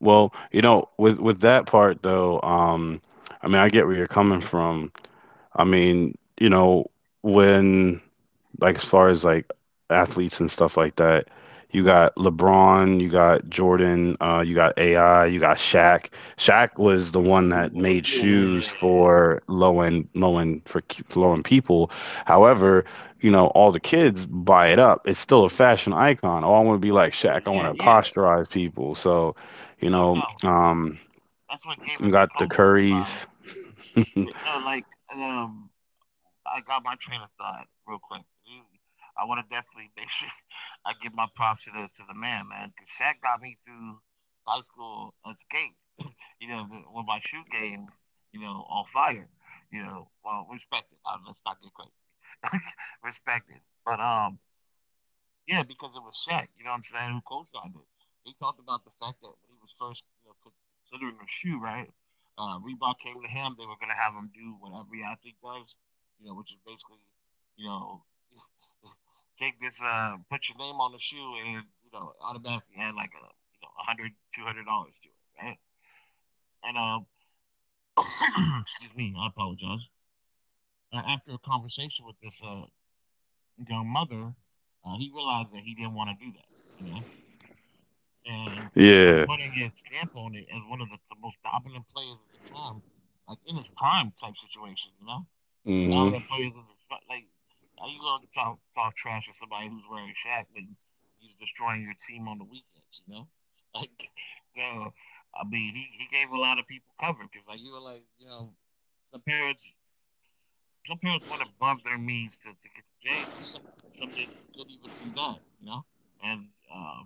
Well, you know, with that part though, I mean, I get where you're coming from. I mean, when, like, as far as like athletes and stuff like that. You got
Hmm.
LeBron, you got Jordan, you got AI, you got Shaq. Shaq was the one that made
Well, Yeah, yeah,
shoes
yeah,
for low end for low end people. However, you know all the kids buy it up. It's still a fashion icon. Oh, I want to be like Shaq.
yeah,
I
uh,
want to
yeah,
posturize people. So, you
no
know,
doubt.
um,
That's what gave
you
it the
got the
cosign.
Currys.
But no, like um, I got my train of thought real quick. You- I want to definitely make sure I give my props to the man, man, because Shaq got me through high school unscathed. You know, the, with my shoe game, you know, on fire. You know, well, respect it. Let's not get crazy. Respect it. But, yeah, because it was Shaq, you know what I'm saying, who co signed it. He talked about the fact that when he was first, you know, considering a shoe, right? Reebok came to him. They were going to have him do what every athlete does, you know, which is basically, you know, take this, put your name on the shoe, and, you know, automatically add like a, you know, a hundred, $200 to it, right? And excuse me, I apologize. After a conversation with this young mother, he realized that he didn't want to do that, you know. And by
Yeah.
putting his stamp on it as one of the most dominant players of the time, like in his prime type situation, you know, most
Hmm.
dominant players of the fi- like, how you gonna talk, trash to somebody who's wearing Shaq when he's destroying your team on the weekends, you know? Like, so I mean, he gave a lot of people cover because like you were like, you know, some parents some parents went above their means to get the J's, and some didn't couldn't even do that, you know. And uh,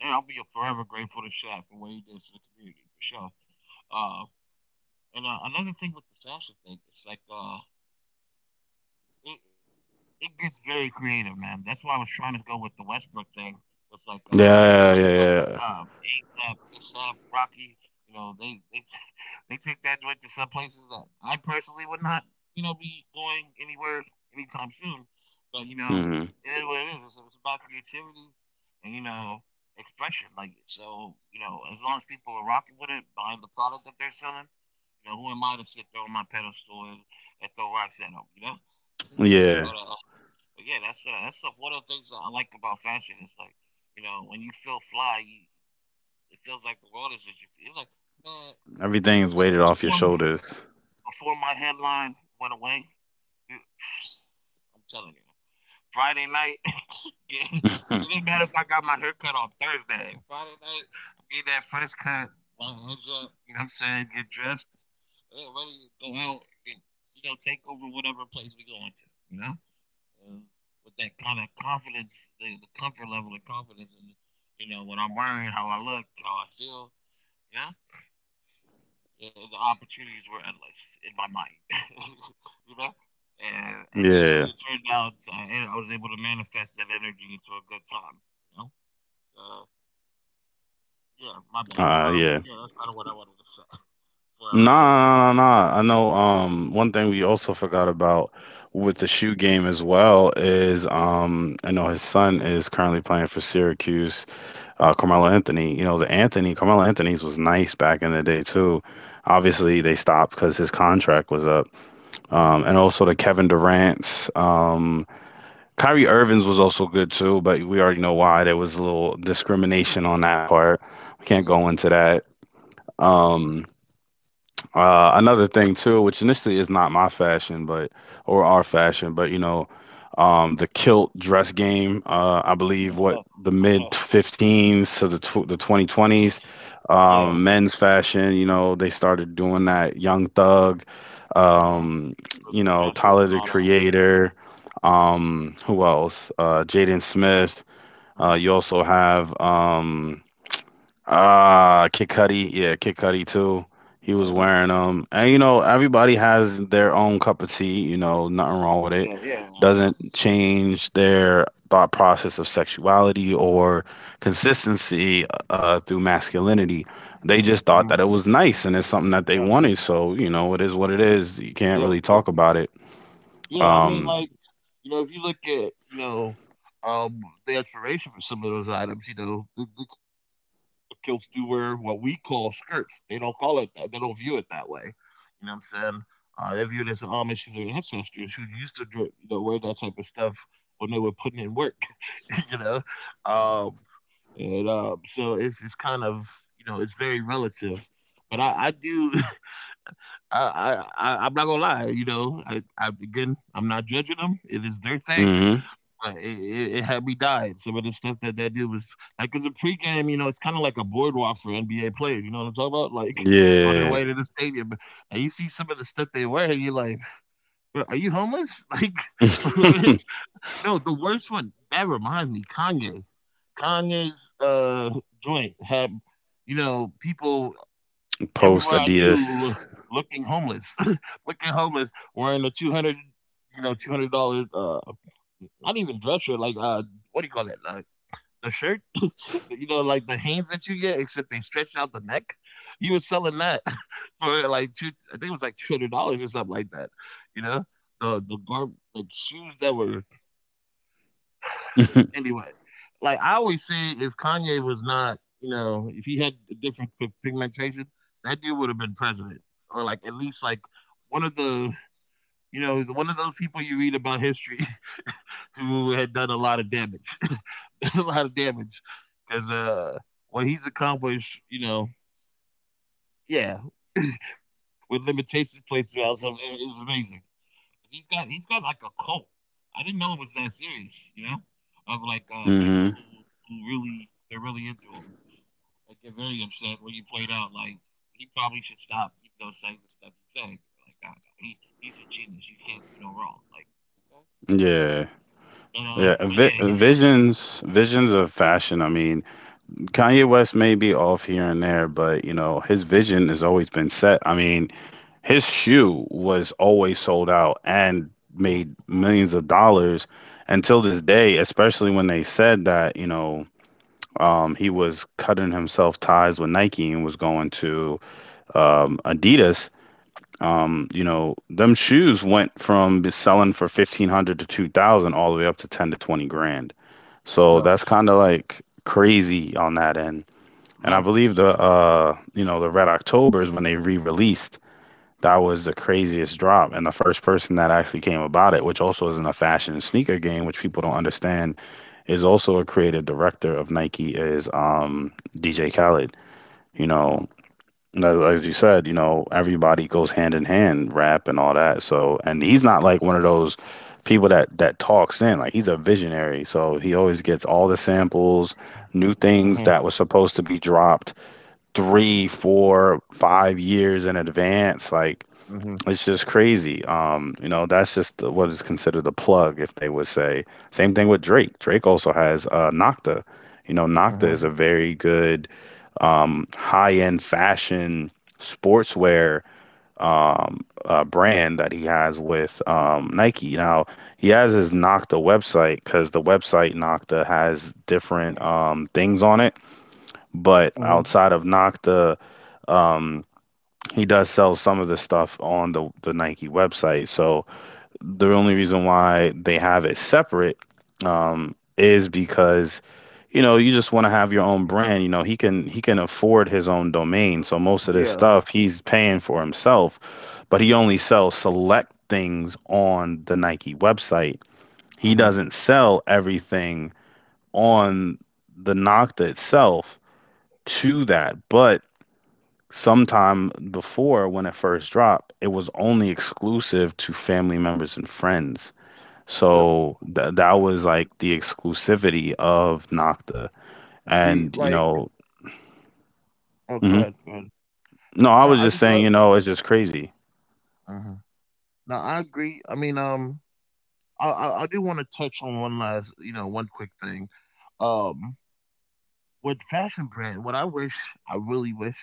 and I'll be forever grateful to Shaq for what he did for the community for sure. Uh, and another thing with the fashion thing, it's like it, it gets very creative, man. That's why I was trying to go with the Westbrook thing. With like Westbrook,
Yeah, yeah, yeah.
ASAP, ASAP, Rocky. You know, they they take that joint to some places that I personally would not, be going anywhere anytime soon. But you know,
Hmm.
it is what it is. It's about creativity and expression. Like so, you know, as long as people are rocking with it, buying the product that they're selling, you know, who am I to sit there on my pedestal and throw rocks at them? You know.
Yeah.
But uh, but yeah, that's one of the things that I like about fashion. It's like you know when you feel fly, you, it feels like the world is at your feet. It's like man,
Everything's
well,
weighted off your shoulders.
before my headline went away, you, I'm telling you, Friday night. get- it didn't matter if I got my hair cut on Thursday. Friday night, I'm getting that fresh cut. My head's up. You know what I'm saying? Get dressed. Ready to go out. And, you know, take over whatever place we going to. You know uh, with that kind of confidence, the comfort level of confidence, and you know what I'm wearing, how I look, how I feel. Yeah, yeah, the opportunities were endless in my mind. you know, and
Yeah.
usually it turned out, I was able to manifest that energy into a good time. You know, so yeah, my bad.
Uh yeah.
But yeah, that's kind of what I wanted to say. Before I,
Nah, nah, nah, nah. Nah. I know one thing we also forgot about with the shoe game as well is I know his son is currently playing for Syracuse, Carmelo Anthony. You know, Carmelo Anthony's was nice back in the day too. Obviously they stopped because his contract was up.
uh-huh.
And also the Kevin Durant's, Kyrie Irvin's was also good too, but we already know why there was a little discrimination on that part. We can't
Yeah,
go
yeah,
into that.
yeah.
Um, Another thing too, which initially is not my fashion, but or our fashion, but the kilt dress game. I believe what the mid 15s to the 2020s,
yeah.
men's fashion. You know, they started doing that. Young Thug,
Uh-huh.
um,
With dresses
Tyler
and
the
all that.
Creator. Who else? Jaden Smith.
Uh-huh.
You also have. Kid Cudi, yeah, Kid Cudi too. He was
Uh-huh.
wearing them, and you know everybody has their own cup of tea. You know, nothing wrong with it.
Yeah, yeah, yeah,
Doesn't
yeah.
change their thought process of sexuality or consistency through masculinity. They just thought
Mhm.
that it was nice and it's something that they
Yeah.
wanted. So, it is what it is. You can't
Yep,
really
yep.
talk about it.
Yeah, I mean,
Um,
like, you know, if you look at, you know, the explanation for some of those items, you know, the kilts do wear what we call skirts. They don't call it that. They don't view it that way. You know what I'm saying? They view it as an homage to their ancestors who used to, you know, wear that type of stuff when they were putting in work. you know, um, and so it's kind of, you know, it's very relative. But I do. I'm not gonna lie. You know, I again, I'm not judging them. It is their thing,
hmm,
but it had me dying. Some of the stuff that that dude was like, cause a pregame, you know, it's kind of like a boardwalk for NBA players. You know what I'm talking about? Like on their
yeah.
way to the stadium, and you see some of the stuff they wear, and you're like, "Bro, are you homeless? Like, it's- no, the worst one. That reminds me, Kanye. Kanye's joint had, you know, people
Post
everyone I
Adidas.
knew looking homeless, looking homeless, wearing a two hundred, you know, $200. Not even dress shirt, like what do you call that? The shirt, you know, like the hands that you get, except they stretch out the neck. He was selling that for like two. I think it was like $200 or something like that. You know, the garb like shoes that were anyway, like I always say, if Kanye was not, you know, if he had a different pigmentation, that dude would have been president, or like at least like one of the, you know, one of those people you read about history who had done a lot of damage, a lot of damage, because what he's accomplished, you know, yeah, with limitations placed throughout, so it is amazing. He's got like a cult. I didn't know it was that serious, you know, of like people
Hmm.
who really they're really into him. I get very upset when you played out like he probably should stop, you know, saying the stuff he's saying. Like, nah, no, he's a genius. You can't do no wrong. Like, okay.
Yeah. Yeah,
But yeah,
visions of fashion. I mean, Kanye West may be off here and there, but his vision has always been set. I mean, his shoe was always sold out and made
uh-huh.
millions of dollars until this day, especially when they said that, he was cutting himself ties with Nike and was going to Adidas. Them shoes went from selling for 1,500 to 2,000 all the way up to 10 to 20 grand, so
yeah,
that's kind of like crazy on that end. And I
yeah,
believe the you know the Red Octobers, when they re-released, that was the craziest drop. And the first person that actually came about it, which also isn't a fashion sneaker game, which people don't understand, is also a creative director of Nike is DJ Khaled. You know,
mhm,
no, as you said, everybody goes hand in hand, rap and all that. So, and he's not like one of those people that talks in. Like, he's a visionary, so he always gets all the samples, new things
mhm.
that was supposed to be dropped 3, 4, 5 years in advance. Like,
Mhm.
it's just crazy. That's just what is considered a plug, if they would say. Same thing with Drake. Drake also has Nocta. You know, Nocta is a
Mhm.
very good high-end fashion sportswear brand that he has with Nike. Now, he has his Nocta website because the website Nocta has different things on it. But
Mhm.
outside of Nocta, um, he does sell some of the stuff on the Nike website. So the only reason why they have it separate is because you just want to have your own brand. You know he can afford his own domain, so most of this
Yeah.
stuff he's paying for himself, but he only sells select things on the Nike website. He
Mhm.
doesn't sell everything on the Nocta itself to that, but sometime before, when it first dropped, it was only exclusive to family members and friends.
Yep.
So that was, like, the exclusivity of Nocta,
See,
and,
like, oh,
mhm.
go ahead. Go ahead.
No, I
No,
was
I
just
just
saying,
love.
it's just crazy.
Mhm. No, I agree. I mean, I do want to touch on one last, you know, one quick thing. Um, with fashion brand, I really wish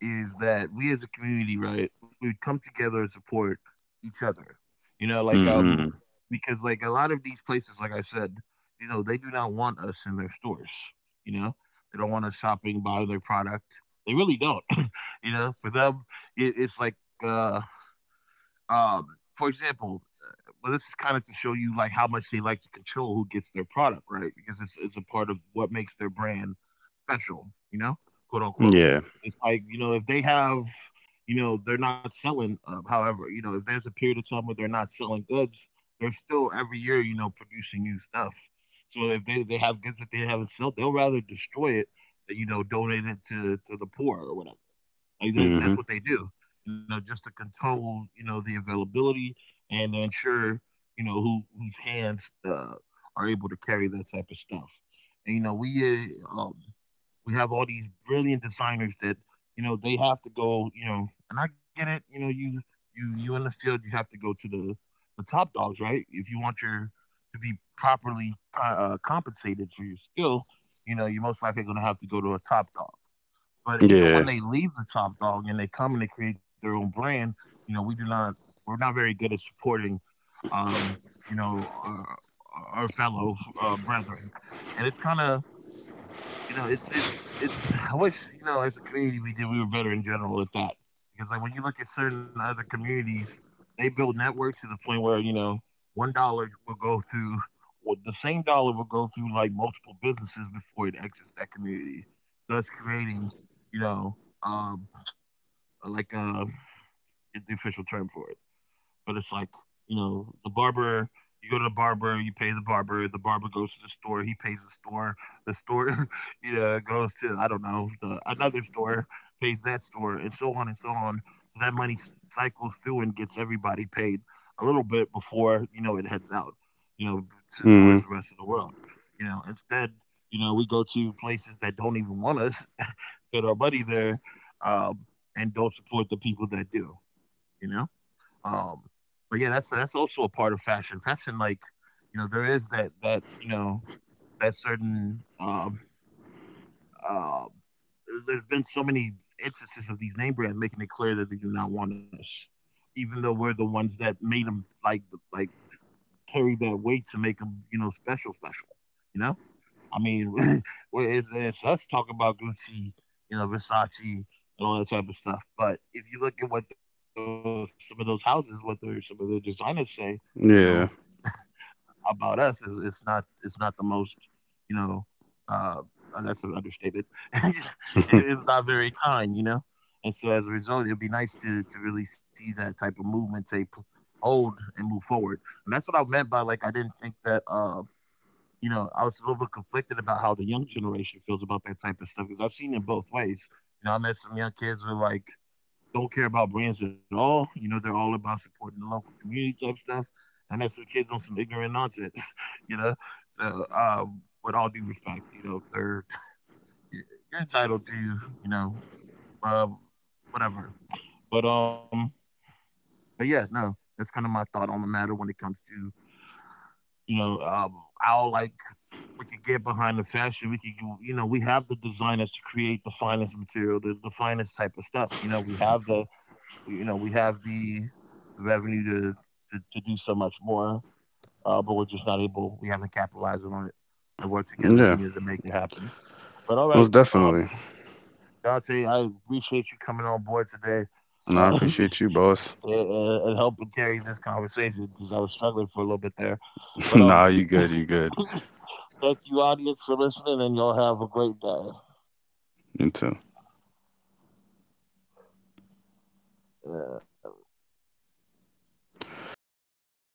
is that we as a community, right, we would come together and support each other. You know, like
Mhm.
because like a lot of these places, like I said, you know, they do not want us in their stores. You know, they don't want us shopping, buying their product. They really don't. you know, for them, it's like um for example, but this is kind of to show you like how much they like to control who gets their product, right? Because it's a part of what makes their brand special, you know, quote unquote.
Yeah.
It's like you know if they have, you know, they're not selling. However, you know, if there's a period of time where they're not selling goods, they're still every year, you know, producing new stuff. So if they have goods that they haven't sold, they'll rather destroy it than you know donate it to the poor or whatever. Like that's
Mhm.
what they do, you know, just to control, you know, the availability and ensure, you know, whose hands are able to carry that type of stuff. And you know, we have all these brilliant designers that you know they have to go, you know, and I get it, you know, you in the field, you have to go to the top dogs, right? If you want your to be properly compensated for your skill, you know, you're most likely going to have to go to a top dog. But even
Yeah.
when they leave the top dog and they come and they create their own brand, you know, we're not very good at supporting, um, you know, our fellow brethren, and it's kind of you know, it's. I wish, you know, as a community, we were better in general at that because like when you look at certain other communities, they build networks to the point where $1 will go through, well, the same dollar will go through like multiple businesses before it exits that community, thus creating you know um like um get the official term for it. But it's like, you know, the barber, you go to the barber, you pay the barber goes to the store, he pays the store, you know, goes to, I don't know, another store, pays that store, and so on and so on. So that money cycles through and gets everybody paid a little bit before, you know, it heads out, you know, towards
Mhm.
the rest of the world. You know, instead, you know, we go to places that don't even want us, put our money there, um, and don't support the people that do, you know? Um, but yeah, that's also a part of fashion. Fashion, like you know, there is that you know that certain uh, there's been so many instances of these name brands making it clear that they do not want us, even though we're the ones that made them like like carry that weight to make them you know special. You know. I mean, well, it's us talking about Gucci, you know, Versace, and all that type of stuff. But if you look at what those some of those houses, what their some of their designers say, you know,
Yeah.
about us is it's not the most, you know, uh, that's an understatement. It's not very kind, you know. And so as a result, it would be nice to really see that type of movement hold and move forward. And that's what I meant by like I didn't think that. You know, I was a little bit conflicted about how the young generation feels about that type of stuff because I've seen it both ways. You know, I met some young kids who are like don't care about brands at all. You know, they're all about supporting the local community type stuff. And I met some kids on some ignorant nonsense. You know, so with all due respect, you know, they're you're entitled to you know uh, whatever. But um, but yeah, no, that's kind of my thought on the matter when it comes to you know I'll like we could get behind the fashion. We could, you know, we have the designers to create the finest material, the finest type of stuff. You know, we have you know, we have the revenue to, to do so much more. But we're just not able. We haven't capitalized on it and worked together as a
Yeah.
unit to make it happen. But all right,
Most
um,
definitely.
Dante, I appreciate you coming on board today.
No, I
Uh,
appreciate you, boss.
and helping carry this conversation because I was struggling for a little bit there, but
Nah, you good, you good.
thank you, audience, for listening, and y'all have a great day.
You too.
And I